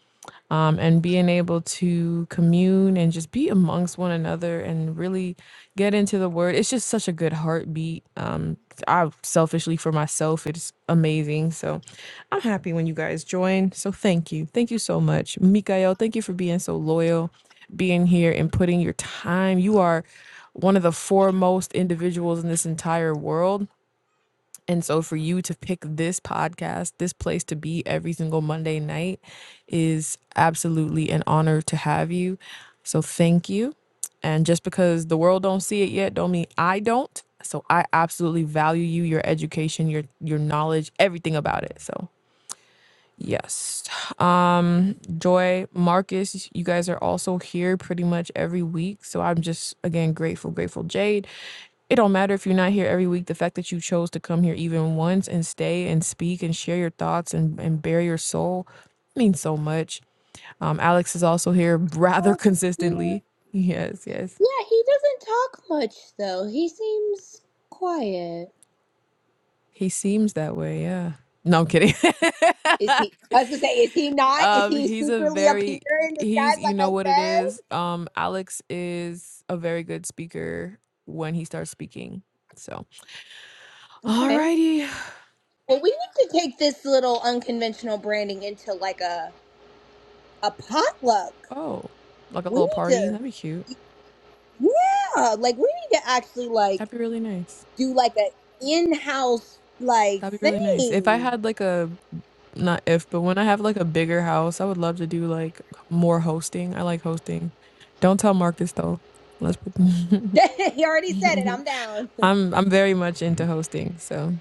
S2: um, and being able to commune and just be amongst one another and really get into the word. It's just such a good heartbeat. Um, I selfishly for myself, it's amazing. So I'm happy when you guys join. So thank you. Thank you so much. Mikael, thank you for being so loyal, being here and putting your time. You are one of the foremost individuals in this entire world and so for you to pick this podcast, this place to be every single Monday night is absolutely an honor to have you. So thank you. And just because the world don't see it yet don't mean I don't. So I absolutely value you, your education, your your knowledge, everything about it. So Yes. Um, Joy, Marcus, you guys are also here pretty much every week. So I'm just again grateful, grateful. Jade, it don't matter if you're not here every week. The fact that you chose to come here even once and stay and speak and share your thoughts and, and bare your soul means so much. Um, Alex is also here rather
S3: Oh, thank you.
S2: consistently. Yes, yes.
S3: Yeah, he doesn't talk much though. He seems quiet.
S2: He seems that way, yeah. No, I'm kidding.
S3: Is he? I was gonna say, is he not? Is
S2: Um,
S3: he
S2: he's a
S3: secretly up here
S2: very
S3: in disguise,
S2: he's you
S3: like I
S2: know what it is.
S3: said?
S2: Um, Alex is a very good speaker when he starts speaking. So,
S3: Okay.
S2: alrighty.
S3: Well, we need to take this little unconventional branding into like a A potluck.
S2: Oh, like a
S3: We
S2: little
S3: need
S2: party.
S3: to,
S2: That'd be cute.
S3: yeah, like we need to actually
S2: That'd
S3: like
S2: be really nice.
S3: do like a in-house like
S2: That'd be really nice. If I
S3: thing.
S2: had like a not if, but when I have like a bigger house, I would love to do like more hosting. I like hosting. Don't tell Marcus though. Let's put
S3: he already said it. I'm down.
S2: I'm I'm very much into hosting, so.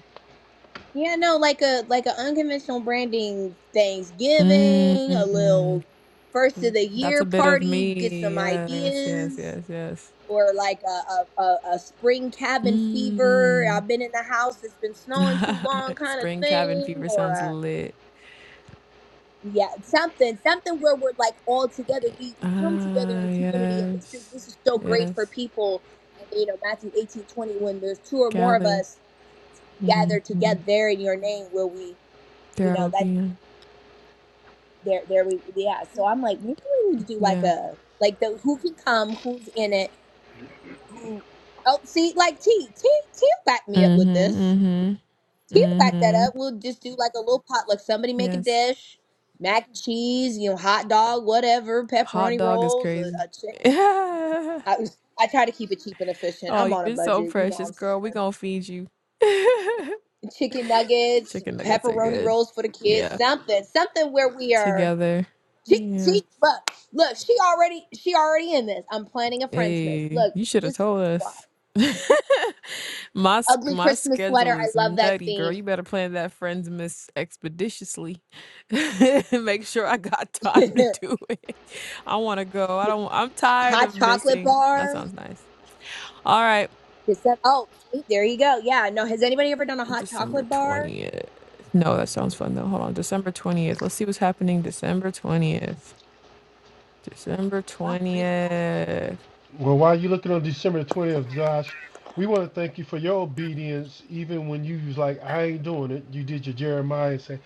S3: Yeah, no, like a like a unconventional branding Thanksgiving, a
S2: Mm.
S3: little first of
S2: Mm,
S3: the
S2: That's
S3: year
S2: a bit of
S3: party, get
S2: me.
S3: some
S2: Yes, yes,
S3: ideas,
S2: yes, yes.
S3: or like a a, a, a spring cabin fever.
S2: Mm.
S3: I've been in the house; it's been snowing too long, kind of
S2: Spring cabin
S3: thing,
S2: fever
S3: or
S2: sounds
S3: a
S2: lit.
S3: yeah, something something where we're like all together. We we come together
S2: Ah,
S3: in community, and this is
S2: yes,
S3: this is so great for
S2: yes.
S3: people. And you know Matthew eighteen twenty, when there's two or more of
S2: Gather.
S3: us
S2: hmm
S3: gathered together in your name, will we? you
S2: There I
S3: know
S2: will
S3: that.
S2: be in.
S3: there there we yeah so i'm like maybe we need to do like
S2: Yeah.
S3: a like the who can come who's in it who oh see like t t t back me up with
S2: Mm-hmm.
S3: this
S2: Mm-hmm.
S3: t will back that
S2: Mm-hmm.
S3: up we'll just do like a little potluck somebody make a
S2: Yes.
S3: dish mac and cheese you know hot dog whatever
S2: Hot
S3: pepperoni
S2: dog is
S3: rolls a,
S2: crazy.
S3: a chick
S2: Yeah.
S3: I, I try to keep it cheap and efficient
S2: Oh,
S3: i'm on a
S2: you're so
S3: budget you know what
S2: precious,
S3: i'm saying
S2: girl. We gonna feed you.
S3: chicken nuggets
S2: Chicken nuggets are
S3: pepperoni
S2: good.
S3: rolls for the kids
S2: Yeah.
S3: something something where we are
S2: Together.
S3: She
S2: Yeah.
S3: she but look, she already she already in this. I'm planning a friend's miss.
S2: Hey,
S3: Look,
S2: you should have
S3: this
S2: told
S3: this why.
S2: us. My s-
S3: Ugly
S2: my
S3: Christmas
S2: schedule
S3: sweater. I
S2: is
S3: love that
S2: nutty, girl.
S3: theme.
S2: You better plan that friends miss expeditiously. Make sure I got time to do it. I want to go. I don't. I'm tired of
S3: hot chocolate
S2: missing. That
S3: bar.
S2: sounds nice. All right,
S3: Is that oh see, there you go. Yeah, no, has anybody ever done a hot
S2: December
S3: chocolate bar?
S2: twentieth. No, that sounds fun though. Hold on, December twentieth. Let's see what's happening. December twentieth. December
S3: I'll make it.
S2: twentieth.
S1: Well, while you're looking on December 20th, Josh, we want to thank you for your obedience, even when you was like, I ain't doing it. You did your Jeremiah and say,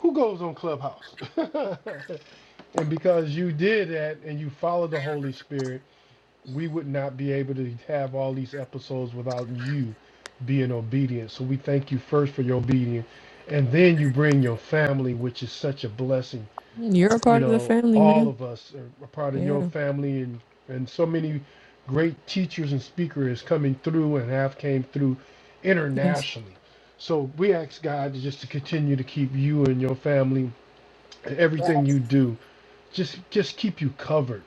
S1: Who goes on Clubhouse? and because you did that and you followed the Holy Spirit, we would not be able to have all these episodes without you being obedient. So we thank you first for your obedience. And then you bring your family, which is such a blessing
S2: You're a
S1: you
S2: part of the
S1: know,
S2: family,
S1: all
S2: man.
S1: of us are a part of your
S2: Yeah.
S1: family and, and so many great teachers and speakers coming through and have came through
S2: Yes.
S1: internationally. So we ask God to just to continue to keep you and your family and everything you do, just just keep you covered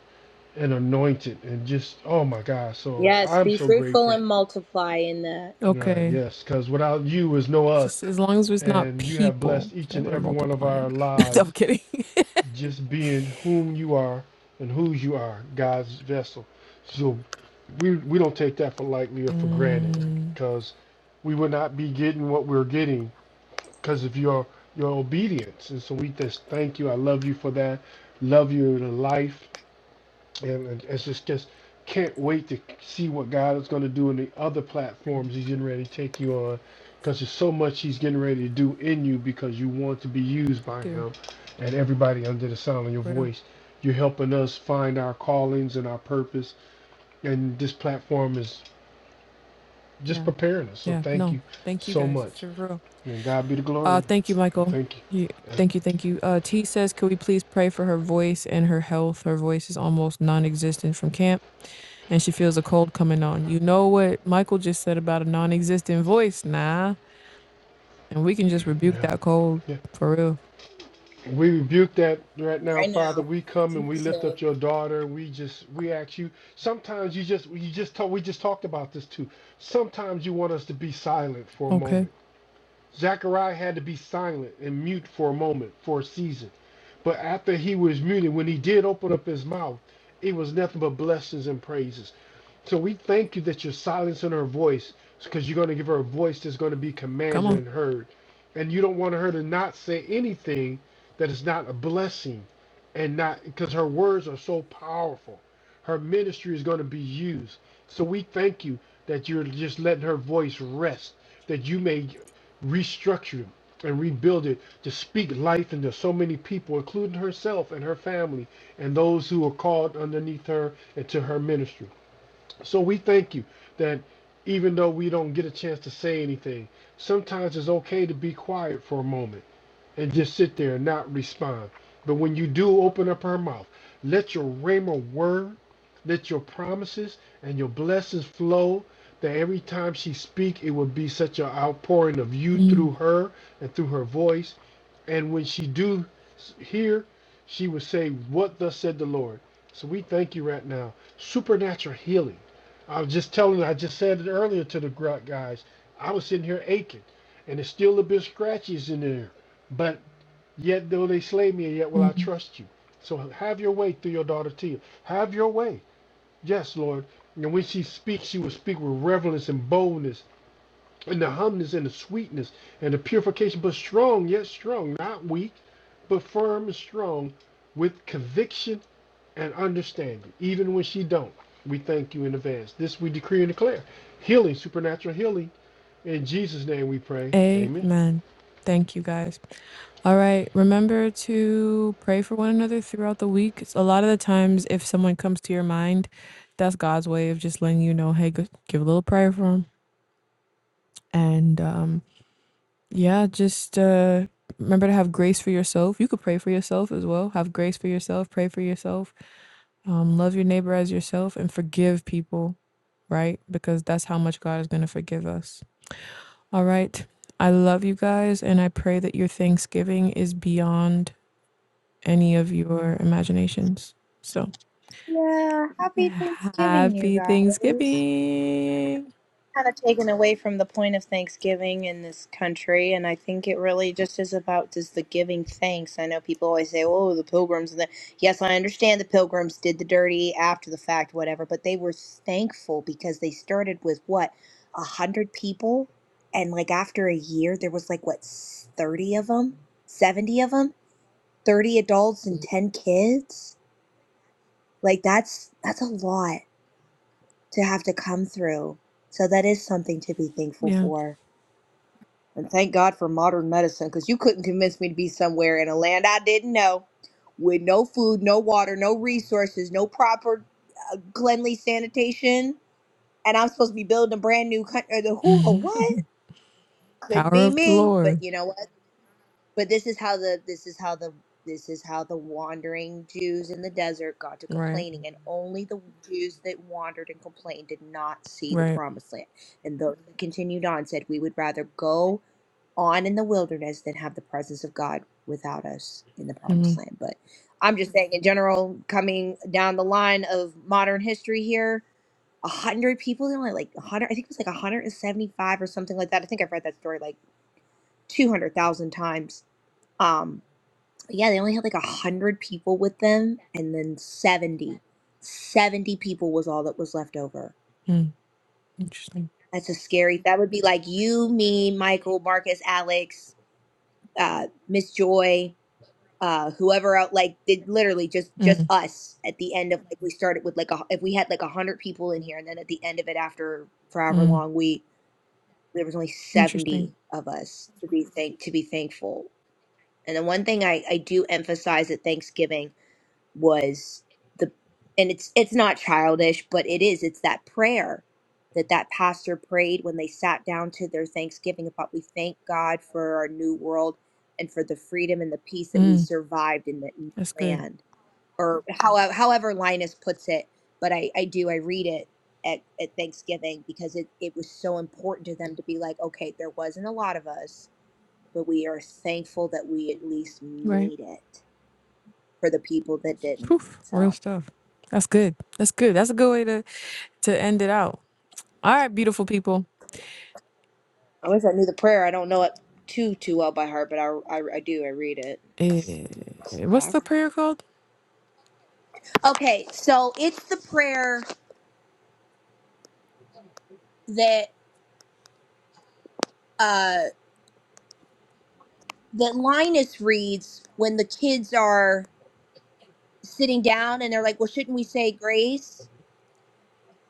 S1: and anointed and just oh my God. So
S3: Yes,
S1: I'm
S3: be
S1: so
S3: fruitful
S1: grateful.
S3: and multiply in that
S1: Right,
S2: Okay.
S1: yes, because without you is no us.
S2: Just as long as it's not
S1: And you have
S2: people
S1: blessed each
S2: that
S1: and
S2: we're
S1: every one of our
S2: multiplying. no, I'm
S1: lives
S2: kidding.
S1: just being whom you are and whose you are, God's vessel. So we we don't take that for lightly or for granted,
S2: Mm,
S1: because we would not be getting what we're getting because of your your obedience. And so we just thank you. I love you for that. Love you in life. And it's just, just can't wait to see what God is going to do in the other platforms He's getting ready to take you on because there's so much He's getting ready to do in you because you want to be used by
S2: do
S1: Him and everybody under the sound of your
S2: real.
S1: voice. You're helping us find our callings and our purpose, and this platform is just
S2: Yeah.
S1: preparing us. So
S2: Yeah.
S1: thank
S2: No.
S1: you
S2: Thank you
S1: so
S2: guys
S1: much.
S2: for real.
S1: And God be the
S2: Uh
S1: glory.
S2: thank you, Michael.
S1: Thank
S2: You,
S1: you.
S2: thank you, thank you. Uh T says, could we please pray for her voice and her health? Her voice is almost non existent from camp and she feels a cold coming on. You know what Michael just said about a non existent voice, nah. And we can just rebuke
S1: Yeah.
S2: that cold
S1: Yeah.
S2: for real.
S1: We rebuke that right now,
S3: right
S1: Father.
S3: now.
S1: We come
S3: In
S1: and we
S3: Jesus'
S1: lift
S3: name.
S1: up your daughter. We just we ask you. Sometimes you just you just talk, we just talked about this too. Sometimes you want us to be silent for a
S2: Okay.
S1: moment. Zechariah had to be silent and mute for a moment, for a season. But after he was muted, when he did open up his mouth, it was nothing but blessings and praises. So we thank you that you're silencing her voice because you're going to give her a voice that's going to be
S2: Come
S1: commanded
S2: on.
S1: and heard. And you don't want her to not say anything that is not a blessing and not because her words are so powerful. Her ministry is going to be used. So we thank you that you're just letting her voice rest, that you may restructure and rebuild it to speak life into so many people, including herself and her family and those who are called underneath her and to her ministry. So we thank you that even though we don't get a chance to say anything, sometimes it's okay to be quiet for a moment and just sit there and not respond. But when you do open up her mouth, let your rhema word, let your promises and your blessings flow. That every time she speak, it will be such an outpouring of you
S2: Mm,
S1: through her and through her voice. And when she do s- hear, she will say, "What thus said the Lord." So we thank you right now, supernatural healing. I was just telling, I just said it earlier to the gr- guys. I was sitting here aching, and it's still a bit scratches in there. Yet though they slay me, yet will I
S2: mm.
S1: trust you. So have your way through your daughter Tia. Have your way. Yes, Lord. And when she speaks, she will speak with reverence and boldness, and the humbleness and the sweetness and the purification, but strong, yet strong, not weak, but firm and strong, with conviction and understanding, even when she don't. We thank you in advance. This we decree and declare. Healing, supernatural healing. In Jesus' name we pray. Amen.
S2: Amen. Thank you guys. All right. Remember to pray for one another throughout the week. It's a lot of the times, if someone comes to your mind, that's God's way of just letting you know, hey, go, give a little prayer for them. And um, yeah, just uh, remember to have grace for yourself. You could pray for yourself as well. Have grace for yourself. Pray for yourself. Um, love your neighbor as yourself and forgive people, right? Because that's how much God is going to forgive us. All right. I love you guys, and I pray that your Thanksgiving is beyond any of your imaginations. So
S3: Yeah, happy
S2: yeah,
S3: Thanksgiving, you
S2: happy
S3: guys.
S2: Thanksgiving.
S3: kind of taken away from the point of Thanksgiving in this country, and I think it really just is about just the giving thanks. I know people always say, "Oh, the pilgrims," and the yes, I understand the pilgrims did the dirty after the fact, whatever, but they were thankful because they started with what a hundred people, and like after a year, there was like what thirty of them, seventy of them, thirty adults and ten kids. Like that's that's a lot to have to come through. So that is something to be thankful
S2: Yeah.
S3: for. And thank God for modern medicine because you couldn't convince me to be somewhere in a land I didn't know with no food, no water, no resources, no proper uh, cleanly sanitation. And I'm supposed to be building a brand new country. The who or what? Couldn't
S2: Power
S3: be
S2: of the
S3: me. But
S2: Lord.
S3: you know what? But this is how the this is how the this is how the wandering Jews in the desert got to
S2: Right.
S3: complaining, and only the Jews that wandered and complained did not see the
S2: Right.
S3: promised land. And those that continued on said, "We would rather go." on in the wilderness than have the presence of God without us in the promised
S2: Mhm.
S3: land. But I'm just saying, in general, coming down the line of modern history here, a hundred people, you know, like like a hundred, I think it was like 175 or something like that. I think I've read that story like 200,000 times. Um, but yeah, they only had like a hundred people with them, and then 70, 70 people was all that was left over.
S2: Mm. Interesting.
S3: That's a scary. That would be like you, me, Michael, Marcus, Alex, uh, Miss Joy, uh whoever out like did literally just just
S2: Mm.
S3: us at the end of like we started with like a, if we had like a hundred people in here and then at the end of it after for however
S2: Mm.
S3: long we there was only
S2: Interesting.
S3: 70 of us to be thank to be thankful and the one thing i i do emphasize at thanksgiving was the and it's it's not childish but it is it's that prayer that that pastor prayed when they sat down to their thanksgiving about we thank god for our new world and for the freedom and the peace that we
S2: Mm.
S3: survived in the new
S2: That's good.
S3: land or however however linus puts it but i i do i read it at, at thanksgiving because it, it was so important to them to be like okay there wasn't a lot of us but we are thankful that we at least
S2: Right.
S3: made it for the people that didn't
S2: Poof. Real
S3: so
S2: stuff. That's good. That's good. That's a good way to to end it out. All right, beautiful people.
S3: I wish I knew the prayer. I don't know it too too well by heart, but I I, I do. I read it. It's,
S2: Eh,
S3: it's
S2: what's the
S3: powerful.
S2: prayer called?
S3: Okay, so it's the prayer that uh that Linus reads when the kids are sitting down and they're like, "Well, shouldn't we say grace?"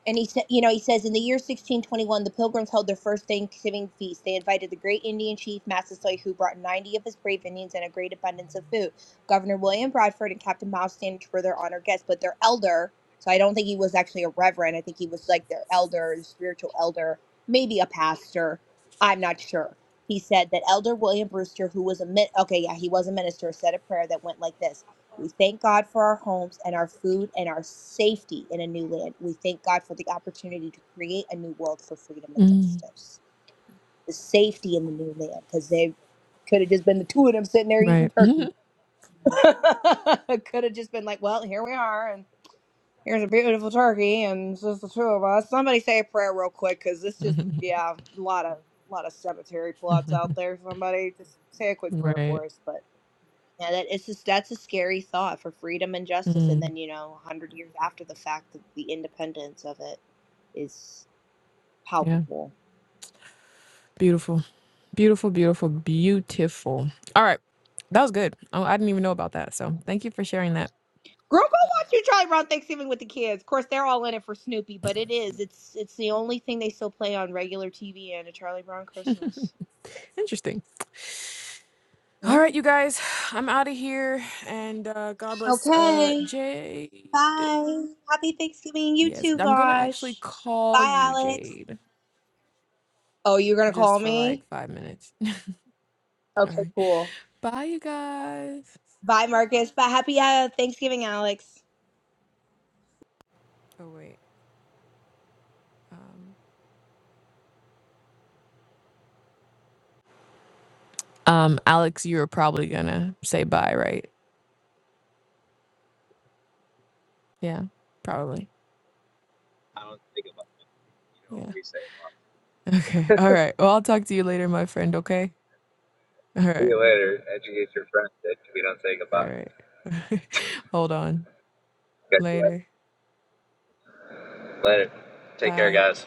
S3: and he said, you know, he says, in the year 1621, the Pilgrims held their first Thanksgiving feast. They invited the great Indian chief Massasoit, who brought 90 of his brave Indians and a great abundance of food. Governor William Bradford and Captain Miles Standish were their honored guests, but their elder, so I don't think he was actually a reverend. I think he was like their elder, the spiritual elder, maybe a pastor. I'm not sure. He said that Elder William Brewster, who was a min- okay, yeah, he was a minister, said a prayer that went like this. We thank God for our homes and our food and our safety in a new land. We thank God for the opportunity to create a new world for freedom and
S2: Mm.
S3: justice. The safety in the new land, because they could have just been the two of them sitting there eating
S2: Right. Mhm.
S3: turkey. could have just been like, well, here we are, and here's a beautiful turkey, and it's just the two of us. Somebody say a prayer real quick, because this just, yeah, a lot of, lot of cemetery plots out there. Somebody just say a quick prayer
S2: Right.
S3: for us, but. Yeah, that it's just that's a scary thought for freedom and justice, and
S2: Mm.
S3: then you know, a hundred years after the fact, the, the independence of it is
S2: Yeah.
S3: palpable.
S2: Beautiful. Beautiful, beautiful, beautiful. All right. That was good. Oh, I didn't even know about that. So thank you for sharing that.
S3: Girl, go watch you Charlie Brown Thanksgiving with the kids. Of course, they're all in it for Snoopy, but it is. It's it's the only thing they still play on regular TV and a Charlie Brown Christmas.
S2: Interesting. All right,
S3: Oh.
S2: you guys. I'm out of here. And uh, God bless uh,
S3: Okay,
S2: Jade.
S3: bye. Happy Thanksgiving, you
S2: Yes,
S3: too,
S2: I'm going to actually
S3: Vosh.
S2: call
S3: Bye,
S2: you,
S3: Alex.
S2: Jade,
S3: Oh, you're gonna call
S2: just for like
S3: me?
S2: five minutes. All
S3: Okay,
S2: right.
S3: cool.
S2: Bye, you guys.
S3: Bye, Marcus. Bye. happy uh, Thanksgiving, Alex.
S2: Oh, wait. Um, um, Alex, you were probably going to say bye, right? Yeah, probably.
S4: I don't think about it. You know what
S2: Yeah.
S4: we say, Mom.
S2: Okay. All right. Well, I'll talk to you later, my friend. Okay. All
S4: See
S2: right.
S4: you later. Educate your friends that we don't think
S2: All
S4: about.
S2: right. Hold on.
S4: it. Catch you later.
S2: Later.
S4: Later. Take care,
S2: Bye.
S4: guys.